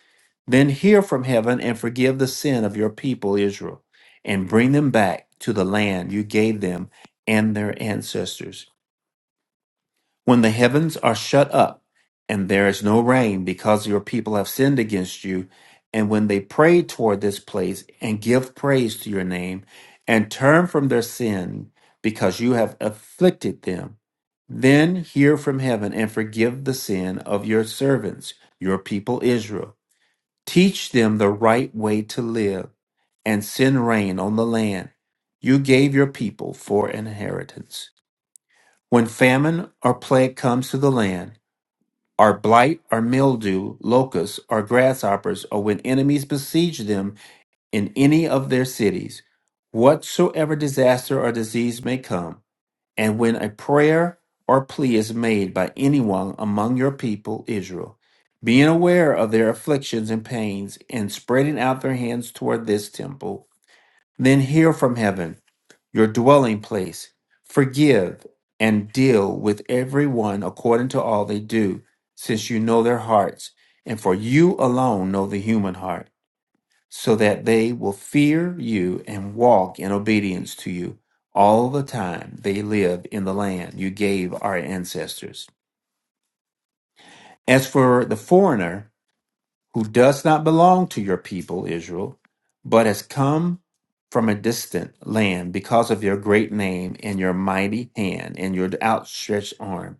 [SPEAKER 6] then hear from heaven and forgive the sin of your people Israel, and bring them back to the land you gave them and their ancestors. When the heavens are shut up and there is no rain because your people have sinned against you, and when they pray toward this place and give praise to your name and turn from their sin because you have afflicted them, then hear from heaven and forgive the sin of your servants, your people Israel. Teach them the right way to live and send rain on the land you gave your people for an inheritance. When famine or plague comes to the land, or blight or mildew, locusts or grasshoppers, or when enemies besiege them in any of their cities, whatsoever disaster or disease may come, and when a prayer or plea is made by anyone among your people Israel, being aware of their afflictions and pains, and spreading out their hands toward this temple, then hear from heaven your dwelling place. Forgive and deal with everyone according to all they do, since you know their hearts, and for you alone know the human heart, so that they will fear you and walk in obedience to you all the time they live in the land you gave our ancestors. As for the foreigner, who does not belong to your people, Israel, but has come from a distant land because of your great name and your mighty hand and your outstretched arm.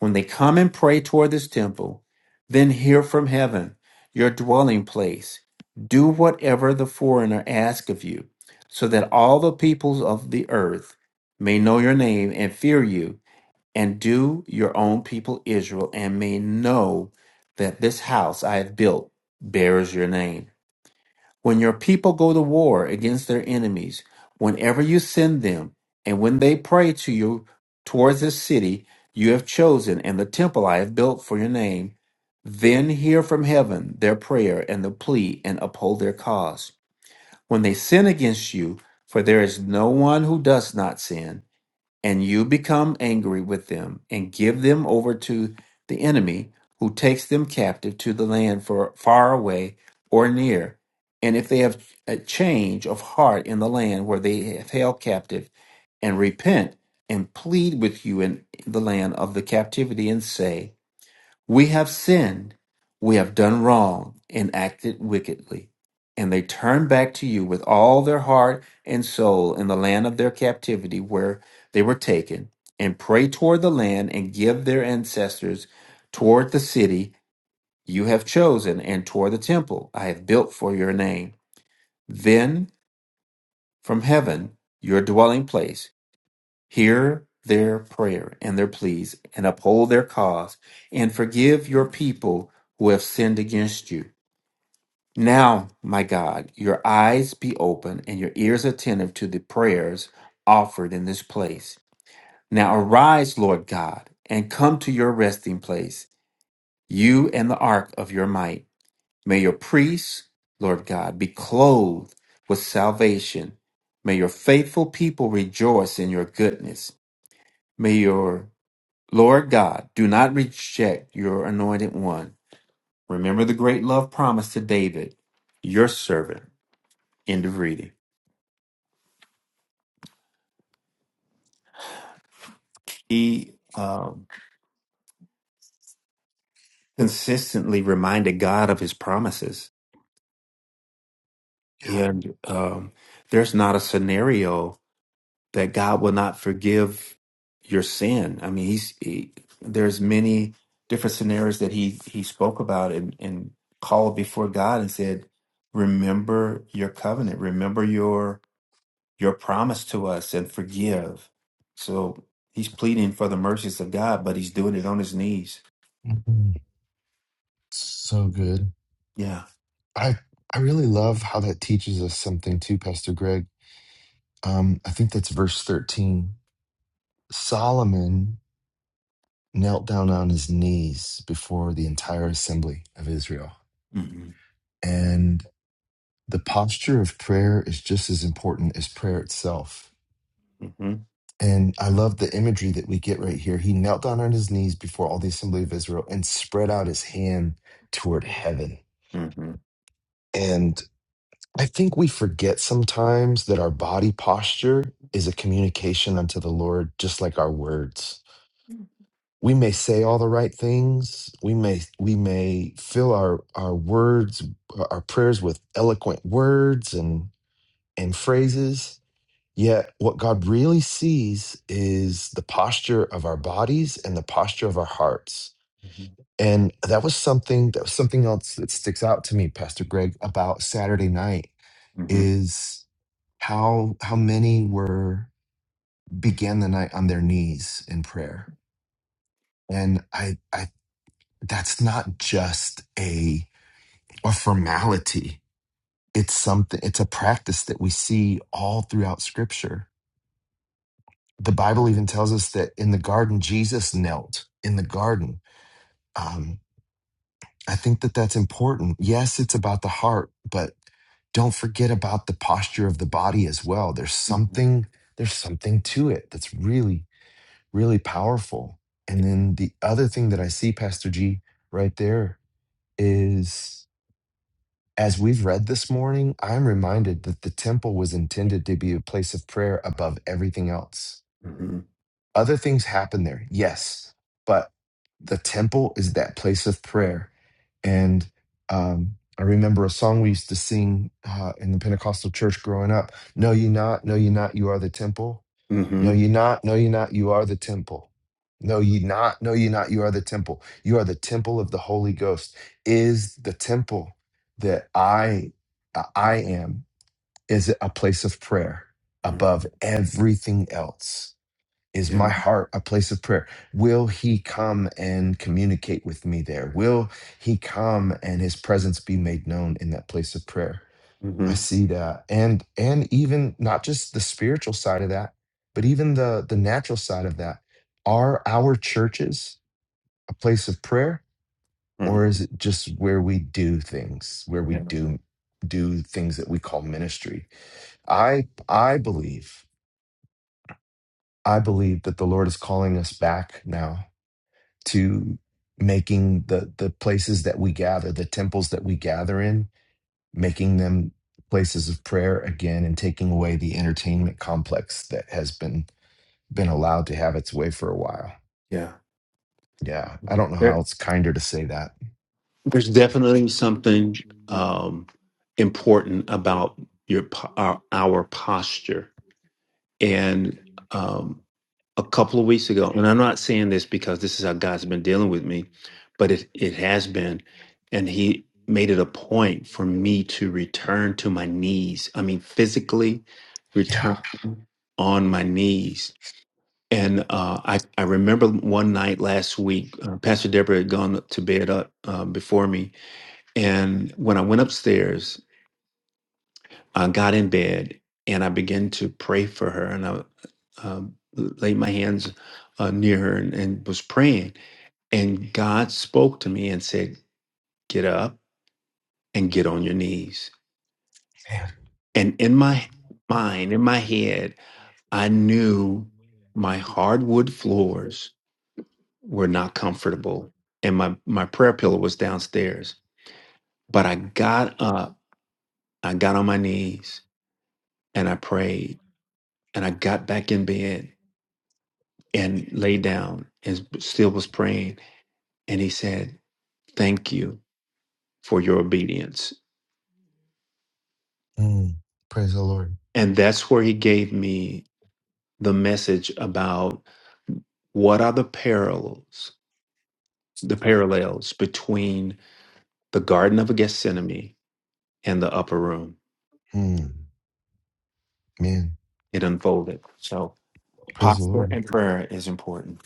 [SPEAKER 6] When they come and pray toward this temple, then hear from heaven, your dwelling place. Do whatever the foreigner asks of you, so that all the peoples of the earth may know your name and fear you and do your own people Israel and may know that this house I have built bears your name. When your people go to war against their enemies, whenever you send them, and when they pray to you towards this city you have chosen and the temple I have built for your name, then hear from heaven their prayer and the plea and uphold their cause. When they sin against you, for there is no one who does not sin, and you become angry with them and give them over to the enemy who takes them captive to the land for far away or near and if they have a change of heart in the land where they have held captive and repent and plead with you in the land of the captivity and say we have sinned, we have done wrong, and acted wickedly. And they turn back to you with all their heart and soul in the land of their captivity where they were taken, and pray toward the land and give their ancestors toward the city you have chosen and toward the temple I have built for your name. Then from heaven, your dwelling place, Hear their prayer and their pleas, and uphold their cause, and forgive your people who have sinned against you. Now, my God, your eyes be open and your ears attentive to the prayers offered in this place. Now arise, Lord God, and come to your resting place, you and the ark of your might. May your priests, Lord God, be clothed with salvation. May your faithful people rejoice in your goodness. May your Lord God, do not reject your anointed one. Remember the great love promised to David, your servant. End of reading. He um, consistently reminded God of his promises.
[SPEAKER 1] Yeah.
[SPEAKER 6] And um, there's not a scenario that God will not forgive your sin. I mean, he's, he, there's many different scenarios that he, he spoke about and, and called before God and said, Remember your covenant, remember your your promise to us and forgive. So he's pleading for the mercies of God, but he's doing it on his knees.
[SPEAKER 1] Mhm. So good.
[SPEAKER 6] Yeah.
[SPEAKER 1] I I really love how that teaches us something too, Pastor Greg. Um, I think that's verse thirteen. Solomon knelt down on his knees before the entire assembly of Israel,
[SPEAKER 6] Mm-hmm.
[SPEAKER 1] and the posture of prayer is just as important as prayer itself
[SPEAKER 6] Mm-hmm.
[SPEAKER 1] And I love the imagery that we get right here. He knelt down on his knees before all the assembly of Israel and spread out his hand toward heaven.
[SPEAKER 6] Mm-hmm.
[SPEAKER 1] And I think we forget sometimes that our body posture is a communication unto the Lord, just like our words. We may say all the right things. We may we may fill our our words, our prayers with eloquent words and and phrases, Yet, what God really sees is the posture of our bodies and the posture of our hearts. And that was something that was something else that sticks out to me, Pastor Greg, about Saturday night
[SPEAKER 6] Mm-hmm.
[SPEAKER 1] is how how many were began the night on their knees in prayer. And I I that's not just a a formality. It's something it's a practice that we see all throughout scripture the Bible even tells us that in the garden, Jesus knelt in the garden. Um, I think that that's important. Yes, it's about the heart, but don't forget about the posture of the body as well. There's something, there's something to it that's really, really powerful. And then the other thing that I see, Pastor G, right there is as we've read this morning, I'm reminded that the temple was intended to be a place of prayer above everything else
[SPEAKER 6] Mm-hmm.
[SPEAKER 1] Other things happen there, yes, but the temple is that place of prayer. And um, I remember a song we used to sing uh, in the Pentecostal church growing up No, you not, no, you not, you are the temple. No,
[SPEAKER 6] Mm-hmm.
[SPEAKER 1] you not, no, you not, you are the temple. No, ye not, no, ye not, you are the temple. You are the temple of the Holy Ghost. Is the temple that I uh, I am, is it a place of prayer above
[SPEAKER 6] Mm-hmm.
[SPEAKER 1] everything else is
[SPEAKER 6] Yeah.
[SPEAKER 1] my heart a place of prayer? Will he come and communicate with me there? Will he come and his presence be made known in that place of prayer?
[SPEAKER 6] Mm-hmm.
[SPEAKER 1] I see that. And and even not just the spiritual side of that, but even the the natural side of that. Are our churches a place of prayer
[SPEAKER 6] Mm-hmm.
[SPEAKER 1] or is it just where we do things, where we
[SPEAKER 6] Yeah.
[SPEAKER 1] do do things that we call ministry? I I believe I believe that the Lord is calling us back now to making the the places that we gather the temples that we gather in making them places of prayer again and taking away the entertainment complex that has been been allowed to have its way for a while
[SPEAKER 6] Yeah.
[SPEAKER 1] yeah i don't know
[SPEAKER 6] There-
[SPEAKER 1] how it's kinder to say that
[SPEAKER 6] There's definitely something um, important about your po- our, our posture, and um, a couple of weeks ago, and I'm not saying this because this is how God's been dealing with me, but it it has been, and He made it a point for me to return to my knees. I mean, physically
[SPEAKER 1] Yeah,
[SPEAKER 6] return on my knees. And uh, I I remember one night last week, uh, Pastor Deborah had gone to bed up uh, before me, and when I went upstairs, I got in bed and I began to pray for her, and I um, laid my hands uh, near her and, and was praying. And God spoke to me and said, "Get up and get on your knees."
[SPEAKER 1] man.
[SPEAKER 6] And in my mind, in my head, I knew my hardwood floors were not comfortable, and my my prayer pillow was downstairs. But I got up, I got on my knees, and I prayed, and I got back in bed and laid down and still was praying. And he said, Thank you for your obedience.
[SPEAKER 1] Mm, praise the Lord.
[SPEAKER 6] And that's where he gave me the message about what are the parallels, the parallels between the Garden of Gethsemane and the upper room.
[SPEAKER 1] Mm, man,
[SPEAKER 6] It unfolded. So
[SPEAKER 1] praise the
[SPEAKER 6] posture
[SPEAKER 1] Lord.
[SPEAKER 6] and prayer is important.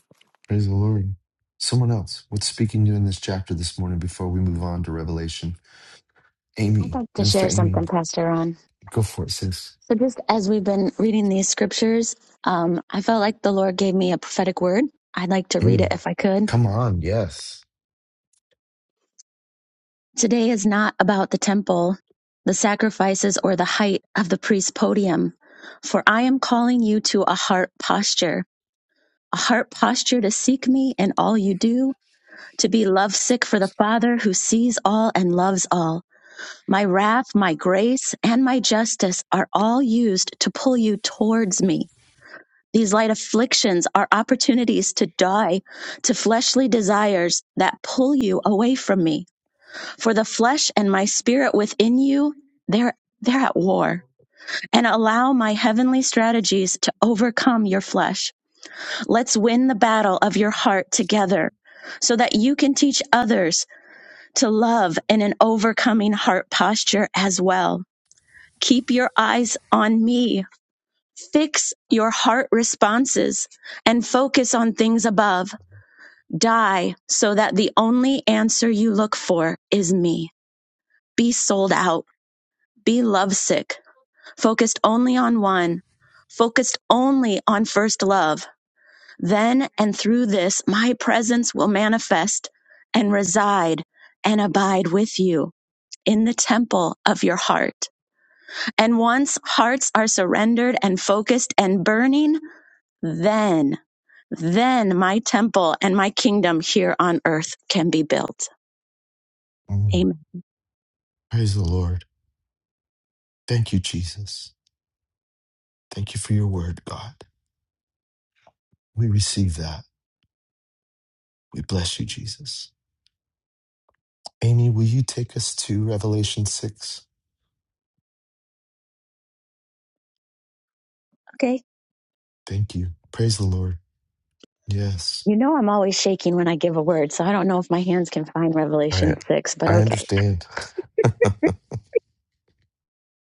[SPEAKER 1] Praise the Lord. Someone else, what's speaking to you in this chapter this morning before we move on to Revelation?
[SPEAKER 7] I'd
[SPEAKER 1] Amy,
[SPEAKER 7] like to
[SPEAKER 1] Minister
[SPEAKER 7] share
[SPEAKER 1] Amy,
[SPEAKER 7] something, Pastor Ron.
[SPEAKER 1] go for it, sis.
[SPEAKER 7] So, just as we've been reading these scriptures, um, I felt like the Lord gave me a prophetic word. I'd like to read
[SPEAKER 1] Mm,
[SPEAKER 7] it if I could.
[SPEAKER 1] come on, yes.
[SPEAKER 7] Today is not about the temple, the sacrifices, or the height of the priest's podium, for I am calling you to a heart posture, a heart posture to seek me in all you do, to be lovesick for the Father who sees all and loves all. My wrath, my grace, and my justice are all used to pull you towards me These light afflictions are opportunities to die to fleshly desires that pull you away from me. For the flesh and my spirit within you, they're, they're at war. And allow my heavenly strategies to overcome your flesh. Let's win the battle of your heart together so that you can teach others to love in an overcoming heart posture as well. Keep your eyes on me Fix your heart responses and focus on things above. Die so that the only answer you look for is me. Be sold out. Be lovesick. Focused only on one. Focused only on first love. Then and through this, my presence will manifest and reside and abide with you in the temple of your heart. And once hearts are surrendered and focused and burning, Then, then my temple and my kingdom here on earth can be built.
[SPEAKER 1] Hmm.
[SPEAKER 7] Amen.
[SPEAKER 1] Praise the Lord. Thank you, Jesus. Thank you for your word, God. We receive that. We bless you, Jesus. Amy, will you take us to Revelation 6?
[SPEAKER 7] Okay.
[SPEAKER 1] Thank you. Praise the Lord. Yes.
[SPEAKER 7] You know, I'm always shaking when I give a word, so I don't know if my hands can find Revelation
[SPEAKER 1] I,
[SPEAKER 7] 6, but
[SPEAKER 1] I
[SPEAKER 7] okay.
[SPEAKER 1] understand.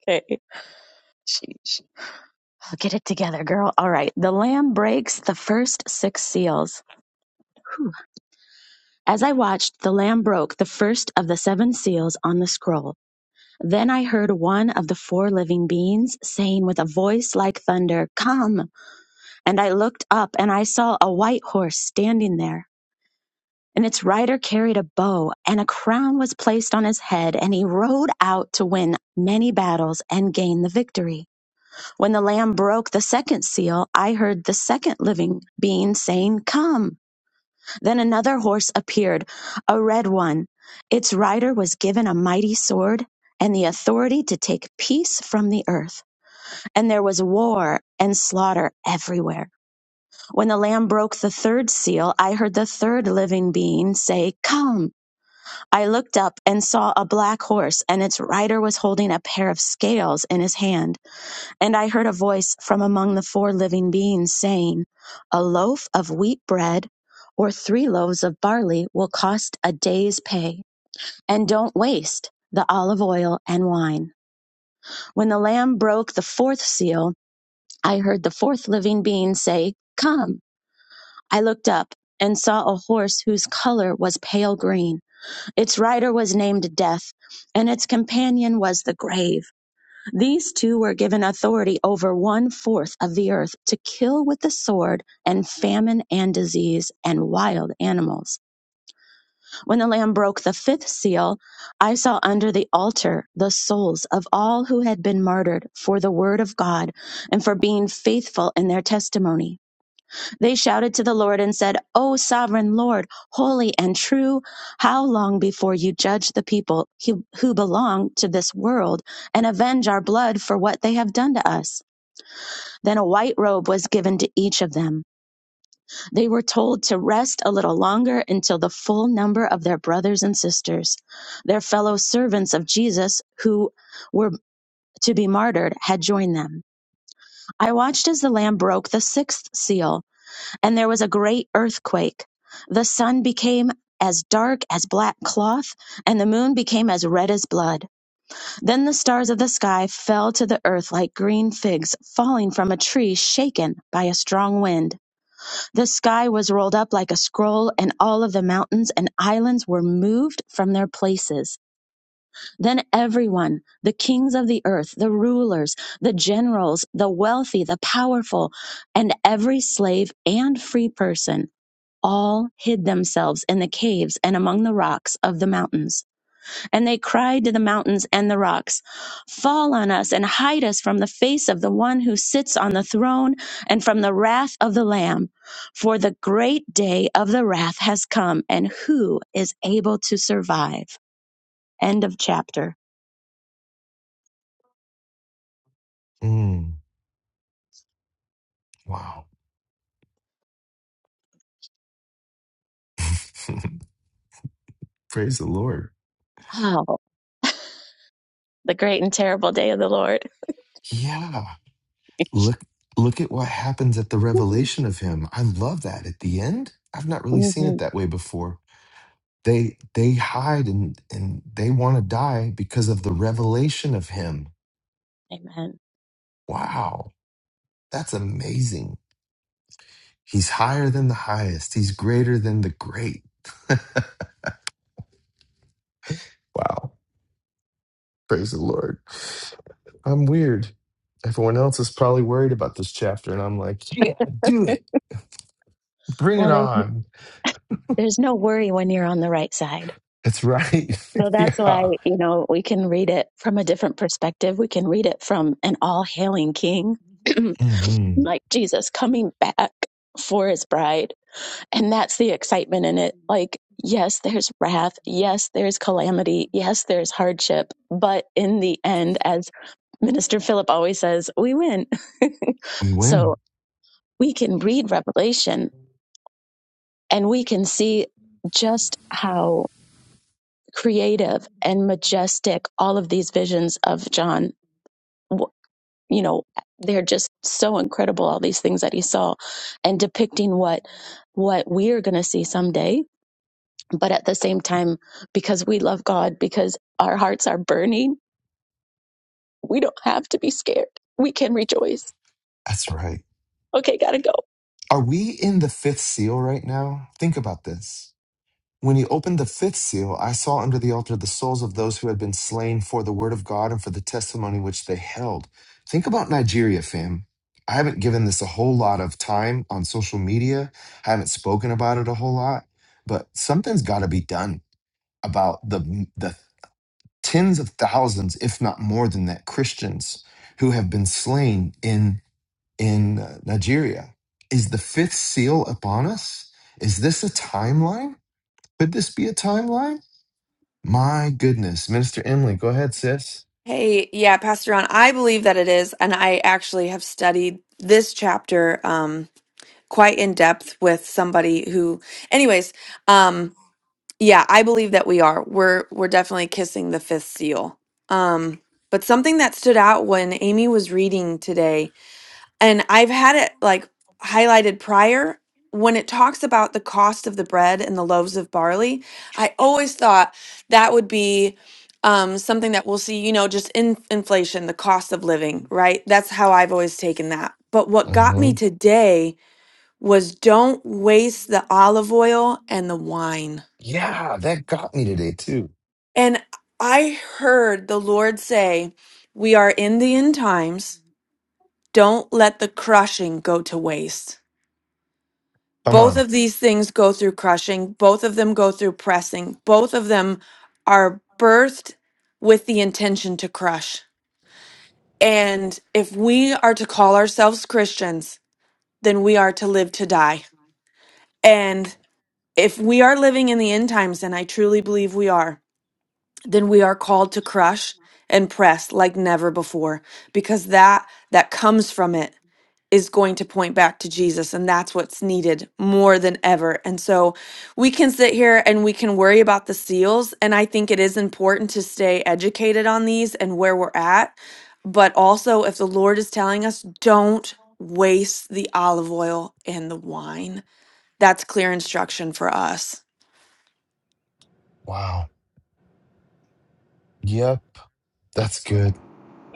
[SPEAKER 7] Okay. Sheesh. I'll get it together, girl. All right. The Lamb breaks the first six seals. Whew. As I watched, the Lamb broke the first of the seven seals on the scroll. Then I heard one of the four living beings saying with a voice like thunder, Come. And I looked up and I saw a white horse standing there. And its rider carried a bow, and a crown was placed on his head, and he rode out to win many battles and gain the victory. When the Lamb broke the second seal, I heard the second living being saying, Come. Then another horse appeared, a red one. Its rider was given a mighty sword and the authority to take peace from the earth. And there was war and slaughter everywhere. When the Lamb broke the third seal, I heard the third living being say, Come. I looked up and saw a black horse, and its rider was holding a pair of scales in his hand. And I heard a voice from among the four living beings saying, A loaf of wheat bread or three loaves of barley will cost a day's pay. And don't waste the olive oil and wine. When the Lamb broke the fourth seal, I heard the fourth living being say, Come. I looked up and saw a horse whose color was pale green. Its rider was named Death, and its companion was the grave. These two were given authority over one fourth of the earth to kill with the sword and famine and disease and wild animals. When the Lamb broke the fifth seal, I saw under the altar the souls of all who had been martyred for the word of God and for being faithful in their testimony. They shouted to the Lord and said, O sovereign Lord, holy and true, how long before you judge the people who, who belong to this world and avenge our blood for what they have done to us? Then a white robe was given to each of them. They were told to rest a little longer until the full number of their brothers and sisters, their fellow servants of Jesus who were to be martyred, had joined them. I watched as the Lamb broke the sixth seal. And there was a great earthquake. The sun became as dark as black cloth, and the moon became as red as blood. Then the stars of the sky fell to the earth like green figs falling from a tree shaken by a strong wind. The sky was rolled up like a scroll, and all of the mountains and islands were moved from their places. Then everyone, the kings of the earth, the rulers, the generals, the wealthy, the powerful, and every slave and free person, all hid themselves in the caves and among the rocks of the mountains. And they cried to the mountains and the rocks, Fall on us and hide us from the face of the one who sits on the throne and from the wrath of the Lamb. For the great day of the wrath has come, and who is able to survive? End of chapter.
[SPEAKER 1] Mm, wow. *laughs* Praise the Lord.
[SPEAKER 7] Oh, the great and terrible day of the Lord.
[SPEAKER 1] Yeah.
[SPEAKER 7] *laughs*
[SPEAKER 1] Look look at what happens at the revelation of him. I love that at the end. I've not really seen it
[SPEAKER 7] Mhm.
[SPEAKER 1] that way before. They they hide and and they want to die because of the revelation of him
[SPEAKER 7] Amen.
[SPEAKER 1] Wow, that's amazing. He's higher than the highest. He's greater than the great. Wow. Praise the Lord. I'm weird. Everyone else is probably worried about this chapter, and I'm like, yeah, do it. Bring it
[SPEAKER 7] Well, there's,
[SPEAKER 1] on.
[SPEAKER 7] there's no worry when you're on the right side.
[SPEAKER 1] That's right.
[SPEAKER 7] So
[SPEAKER 1] *laughs*
[SPEAKER 7] that's why,
[SPEAKER 1] yeah.
[SPEAKER 7] you know, we can read it from a different perspective. We can read it from an all hailing king, *clears throat*
[SPEAKER 1] hmm
[SPEAKER 7] like Jesus coming back for his bride. And that's the excitement in it. Like, yes, there's wrath. Yes, there's calamity. Yes, there's hardship. But in the end, as Minister Philip always says, we win.
[SPEAKER 1] We
[SPEAKER 7] *laughs* so
[SPEAKER 1] win.
[SPEAKER 7] we can read Revelation and we can see just how creative and majestic all of these visions of john you know they're just so incredible all these things that he saw and depicting what what we're going to see someday but at the same time because we love god because our hearts are burning we don't have to be scared we can rejoice
[SPEAKER 1] That's right.
[SPEAKER 7] okay gotta go
[SPEAKER 1] Are we in the fifth seal right now? Think about this. When he opened the fifth seal, I saw under the altar the souls of those who had been slain for the word of God and for the testimony which they held. Think about Nigeria, fam. I haven't given this a whole lot of time on social media. I haven't spoken about it a whole lot, but something's got to be done about the the tens of thousands, if not more than that, Christians who have been slain in in uh, Nigeria. Is the fifth seal upon us? Is this a timeline? Could this be a timeline? My goodness, Minister Emily, go ahead, sis.
[SPEAKER 8] Hey, yeah, Pastor Ron, I believe that it is, and I actually have studied this chapter um quite in depth with somebody who anyways, um yeah, I believe that we are. We're we're definitely kissing the fifth seal. Um but something that stood out when Amy was reading today and I've had it like highlighted prior when it talks about the cost of the bread and the loaves of barley. I always thought that would be um, something that we'll see, you know, just in inflation, the cost of living, right? That's how I've always taken that. But what got
[SPEAKER 1] hmm
[SPEAKER 8] me today was don't waste the olive oil and the wine.
[SPEAKER 1] Yeah, that got me today too.
[SPEAKER 8] And I heard the Lord say, We are in the end times. Don't let the crushing go to waste.
[SPEAKER 1] Come
[SPEAKER 8] both
[SPEAKER 1] on.
[SPEAKER 8] of these things go through crushing both of them go through pressing both of them are birthed with the intention to crush and if we are to call ourselves christians then we are to live to die and if we are living in the end times and i truly believe we are then we are called to crush and press like never before because that that comes from it is going to point back to Jesus, and that's what's needed more than ever. And so we can sit here and we can worry about the seals, and I think it is important to stay educated on these and where we're at. But also, if the Lord is telling us, don't waste the olive oil and the wine, that's clear instruction for us.
[SPEAKER 1] Wow. Yep, that's good.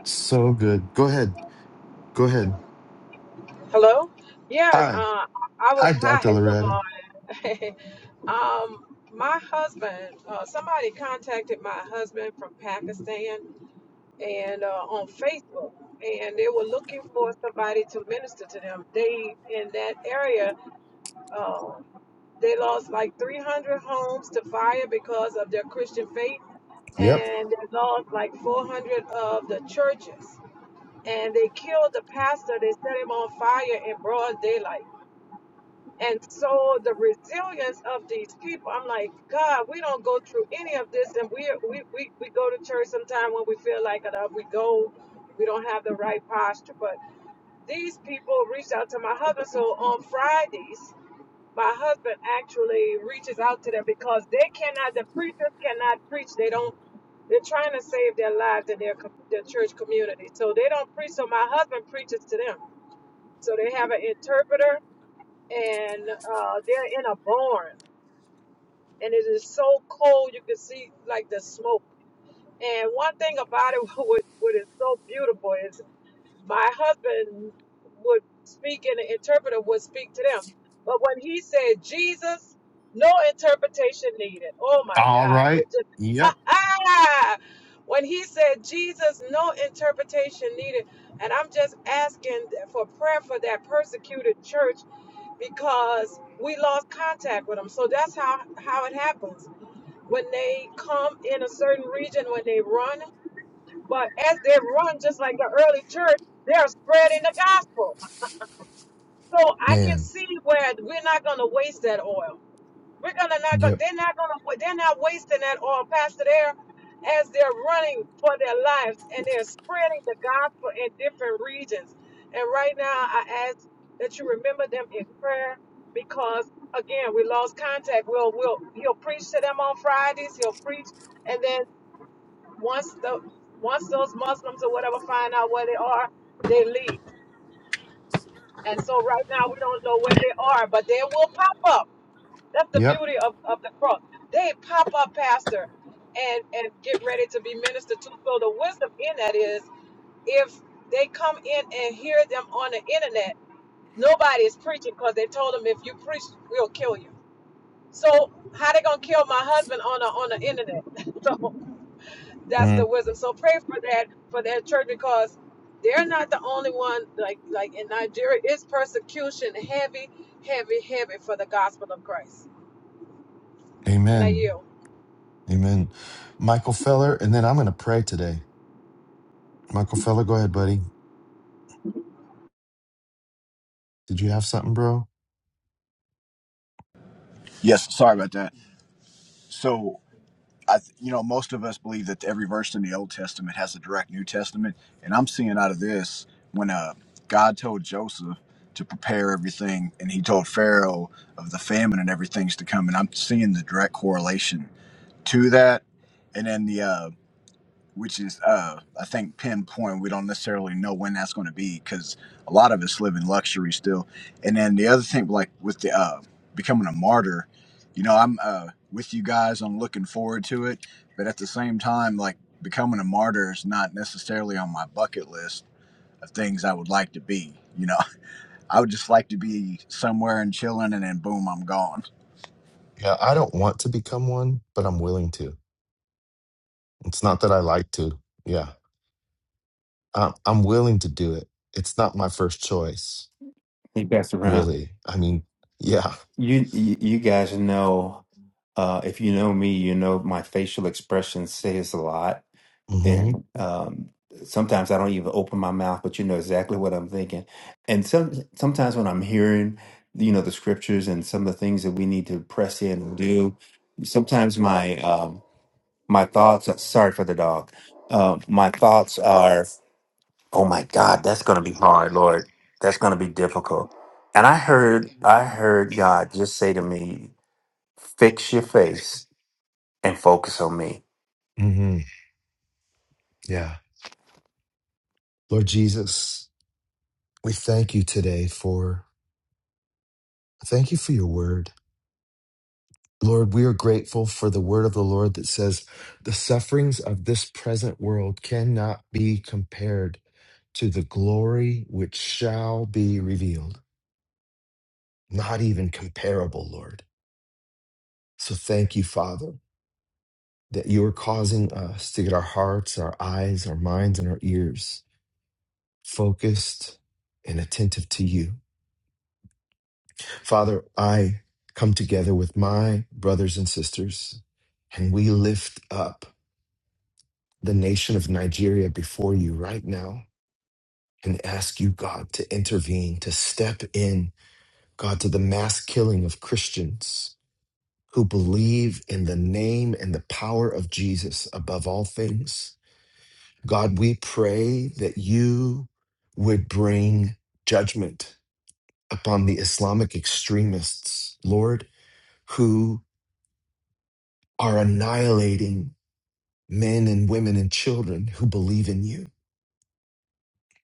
[SPEAKER 1] So good. Go ahead. Go ahead.
[SPEAKER 9] Hello? Yes,
[SPEAKER 1] Hi.
[SPEAKER 9] uh, I was
[SPEAKER 1] Hi,
[SPEAKER 9] *laughs* hi.
[SPEAKER 1] Dr. Loretta.
[SPEAKER 9] Good morning. *laughs* um, my husband, uh, somebody contacted my husband from Pakistan and uh, on Facebook, and they were looking for somebody to minister to them. They in that area, uh, they lost like 300 homes to fire because of their Christian faith
[SPEAKER 1] Yep.
[SPEAKER 9] and they lost like 400 of the churches. And they killed the pastor. They set him on fire in broad daylight. And so the resilience of these people, I'm like, God, we don't go through any of this. And we we, we, we go to church sometime when we feel like it. uh, We go, we don't have the right posture. But these people reached out to my husband. So on Fridays, my husband actually reaches out to them because they cannot, the preachers cannot preach. They don't, they're trying to save their lives in their, com- their church community. So they don't preach. So my husband preaches to them. So they have an interpreter and uh, they're in a barn, and it is so cold you can see like the smoke. And one thing about it, *laughs* what, what is so beautiful is my husband would speak and the interpreter would speak to them. But when he said Jesus, no interpretation needed. Oh my
[SPEAKER 1] All
[SPEAKER 9] God.
[SPEAKER 1] right.
[SPEAKER 9] It just
[SPEAKER 1] Yep.
[SPEAKER 9] *laughs* when he said Jesus, no interpretation needed. And I'm just asking for prayer for that persecuted church because we lost contact with them. So that's how, how it happens. When they come in a certain region, when they run but as they run, just like the early church, they're spreading the gospel. So I can
[SPEAKER 1] Man.
[SPEAKER 9] see where we're not going to waste that oil. We're gonna not go.
[SPEAKER 1] Yep.
[SPEAKER 9] They're not gonna. They're not wasting that oil, Pastor. There, as they're running for their lives and they're spreading the gospel in different regions. And right now, I ask that you remember them in prayer because again, we lost contact. We'll, we'll, he'll preach to them on Fridays. He'll preach, and then once the once those Muslims or whatever find out where they are, they leave. And so right now we don't know where they are, but they will pop up. That's the
[SPEAKER 1] Yep.
[SPEAKER 9] beauty of, of the cross. They pop up, Pastor, and and get ready to be ministered to. So the wisdom in that is if they come in and hear them on the internet, nobody is preaching because they told them if you preach, we'll kill you. So how they gonna kill my husband on the on the internet? *laughs* So that's the
[SPEAKER 1] Mm.
[SPEAKER 9] wisdom. So pray for that for that church because they're not the only one. Like like in Nigeria, it's persecution heavy, heavy, heavy for the gospel of Christ. And I
[SPEAKER 1] Amen.
[SPEAKER 9] yield.
[SPEAKER 1] Amen. Michael Feller, and then I'm going to pray today. Michael Feller, go ahead, buddy. Did you have something, bro?
[SPEAKER 10] Yes, sorry about that. So, I, th- you know, most of us believe that every verse in the Old Testament has a direct New Testament, and I'm seeing out of this when uh, God told Joseph to prepare everything, and He told Pharaoh of the famine and everything's to come, and I'm seeing the direct correlation to that, and then the uh, which is uh i think pinpoint we don't necessarily know when that's going to be because a lot of us live in luxury still and then the other thing like with the uh becoming a martyr you know i'm uh with you guys i'm looking forward to it but at the same time like becoming a martyr is not necessarily on my bucket list of things i would like to be you know *laughs* i would just like to be somewhere and chilling and then boom i'm gone
[SPEAKER 1] Yeah, I don't want to become one, but I'm willing to. It's not that I like to. Yeah. I'm I'm willing to do it. It's not my first choice,
[SPEAKER 6] Hey, you, Pastor Ron.
[SPEAKER 1] really. I mean, yeah.
[SPEAKER 6] You you you guys know uh, if you know me, you know my facial expression says a lot,
[SPEAKER 1] hmm
[SPEAKER 6] and um, sometimes I don't even open my mouth, but you know exactly what I'm thinking. And some sometimes when I'm hearing, you know, the scriptures and some of the things that we need to press in and do, sometimes my um, my thoughts. Sorry for the dog. Uh, my thoughts are. Oh my God, that's going to be hard, Lord. That's going to be difficult. And I heard, I heard God just say to me, fix your face and focus on me.
[SPEAKER 1] hmm Yeah. Lord Jesus, we thank you today for thank you for your word. Lord, we are grateful for the word of the Lord that says the sufferings of this present world cannot be compared to the glory which shall be revealed. Not even comparable, Lord. So thank you, Father. that you are causing us to get our hearts, our eyes, our minds, and our ears focused and attentive to you. Father, I come together with my brothers and sisters, and we lift up the nation of Nigeria before you right now and ask you, God, to intervene, to step in, God, to the mass killing of Christians who believe in the name and the power of Jesus above all things. God, we pray that you would bring judgment upon the Islamic extremists, Lord, who are annihilating men and women and children who believe in you.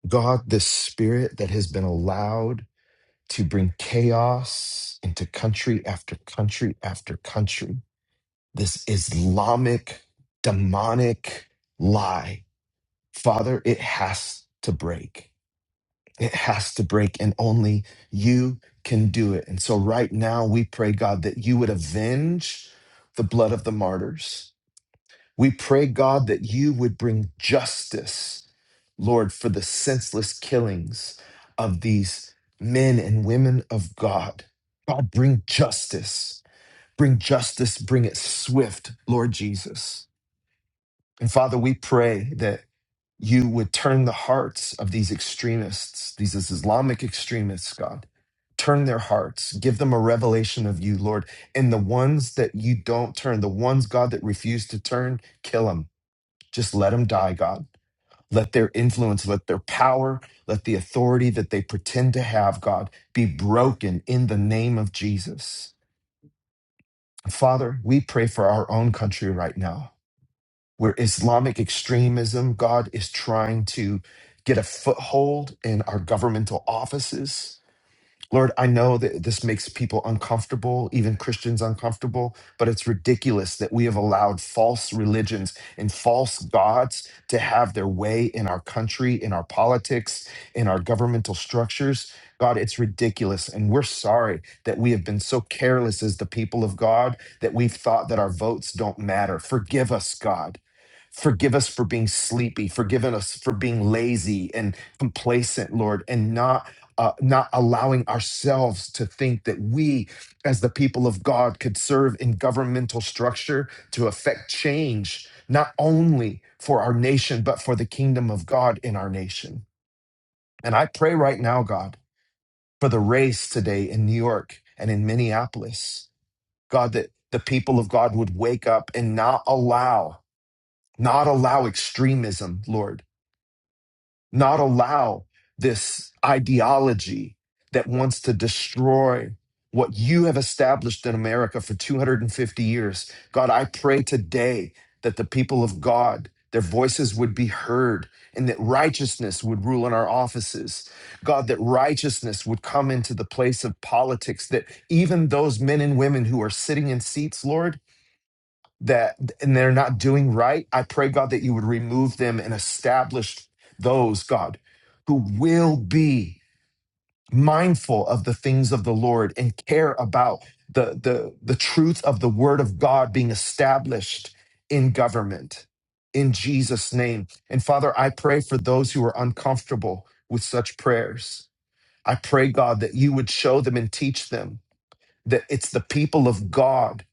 [SPEAKER 1] God, this spirit that has been allowed to bring chaos into country after country after country, this Islamic demonic lie, Father, it has to break It has to break, and only you can do it. And so, right now, we pray, God, that you would avenge the blood of the martyrs. We pray, God, that you would bring justice, Lord, for the senseless killings of these men and women of God. God, bring justice. Bring justice. Bring it swift, Lord Jesus. And Father, we pray that you would turn the hearts of these extremists, these Islamic extremists, God. Turn their hearts, give them a revelation of you, Lord. And the ones that you don't turn, the ones, God, that refuse to turn, kill them. Just let them die, God. Let their influence, let their power, let the authority that they pretend to have, God, be broken in the name of Jesus. Father, we pray for our own country right now where Islamic extremism, God is trying to get a foothold in our governmental offices. Lord, I know that this makes people uncomfortable, even Christians uncomfortable, but it's ridiculous that we have allowed false religions and false gods to have their way in our country, in our politics, in our governmental structures. God, it's ridiculous. And we're sorry that we have been so careless as the people of God that we've thought that our votes don't matter. Forgive us, God. Forgive us for being sleepy. Forgive us for being lazy and complacent, Lord, and not uh, not allowing ourselves to think that we, as the people of God, could serve in governmental structure to affect change, not only for our nation, but for the kingdom of God in our nation. And I pray right now, God, for the race today in New York and in Minneapolis, God, that the people of God would wake up and not allow, not allow extremism, Lord not allow this ideology that wants to destroy what you have established in America for 250 years. God, I pray today that the people of God, their voices would be heard and that righteousness would rule in our offices. God, that righteousness would come into the place of politics, that even those men and women who are sitting in seats, Lord, that and they're not doing right, I pray, God, that you would remove them and establish those, God, who will be mindful of the things of the Lord and care about the the the truth of the word of God being established in government in Jesus name. And Father, I pray for those who are uncomfortable with such prayers. I pray God that you would show them and teach them that it's the people of God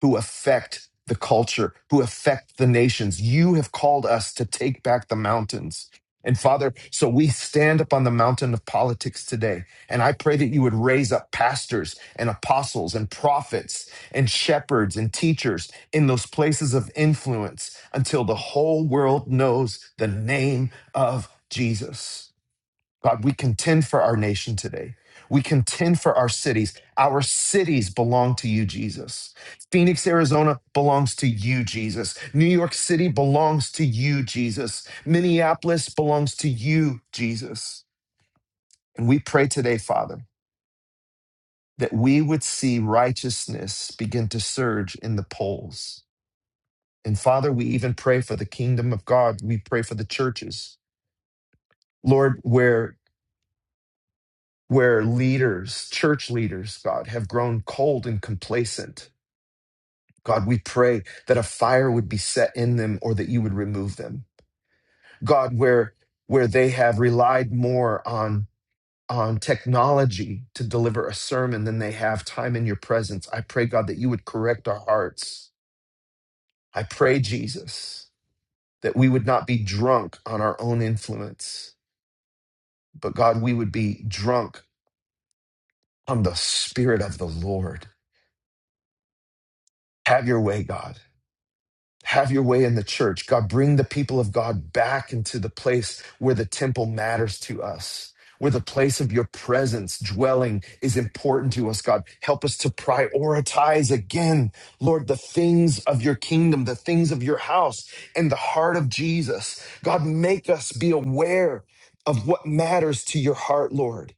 [SPEAKER 1] who affect the culture, who affect the nations. You have called us to take back the mountains. And Father, so we stand up on the mountain of politics today. And I pray that you would raise up pastors and apostles and prophets and shepherds and teachers in those places of influence until the whole world knows the name of Jesus. God, we contend for our nation today. We contend for our cities. Our cities belong to you, Jesus. Phoenix, Arizona belongs to you, Jesus. New York City belongs to you, Jesus. Minneapolis belongs to you, Jesus. And we pray today, Father, that we would see righteousness begin to surge in the polls. And Father, we even pray for the kingdom of God. We pray for the churches. Lord, where where leaders, church leaders, God, have grown cold and complacent. God, we pray that a fire would be set in them or that you would remove them. God, where where they have relied more on on technology to deliver a sermon than they have time in your presence. I pray, God, that you would correct our hearts. I pray, Jesus, that we would not be drunk on our own influence, but God, we would be drunk on the spirit of the Lord. Have your way, God Have your way in the church. God, bring the people of God back into the place where the temple matters to us, where the place of your presence dwelling is important to us, God. Help us to prioritize again, Lord, the things of your kingdom, the things of your house, and the heart of Jesus. God, make us be aware of what matters to your heart, Lord,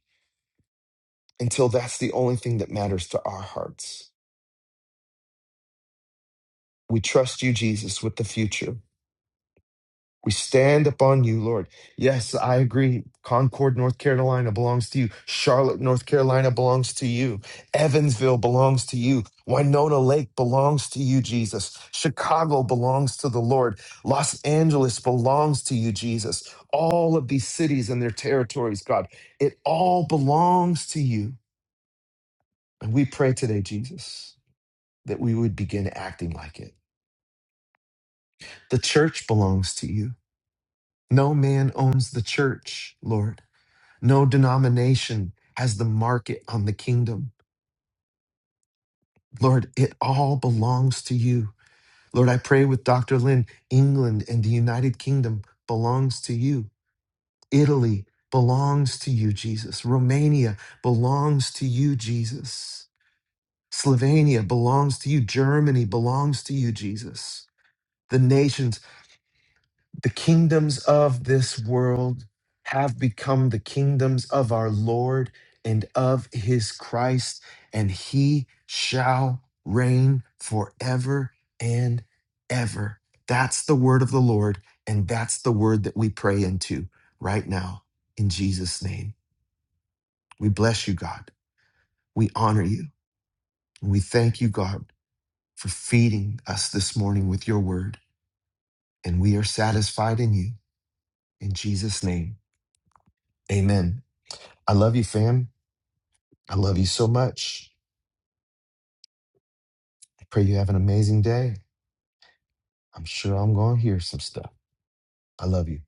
[SPEAKER 1] until that's the only thing that matters to our hearts. We trust you, Jesus, with the future. We stand upon you, Lord. Yes, I agree. Concord, North Carolina belongs to you. Charlotte, North Carolina belongs to you. Evansville belongs to you. Winona Lake belongs to you, Jesus. Chicago belongs to the Lord. Los Angeles belongs to you, Jesus. All of these cities and their territories, God, it all belongs to you. And we pray today, Jesus, that we would begin acting like it. The church belongs to you. No man owns the church, Lord. No denomination has the market on the kingdom. Lord, it all belongs to you. Lord, I pray with Dr. Lynn, England and the United Kingdom belongs to you. Italy belongs to you, Jesus. Romania belongs to you, Jesus. Slovenia belongs to you. Germany belongs to you, Jesus. The nations The kingdoms of this world have become the kingdoms of our Lord and of his Christ, and he shall reign forever and ever. That's the word of the Lord, and that's the word that we pray into right now in Jesus' name. We bless you, God. We honor you. And we thank you, God, for feeding us this morning with your word, and we are satisfied in you. In Jesus' name, amen. I love you, fam. I love you so much. I pray you have an amazing day. I'm sure I'm going to hear some stuff. I love you.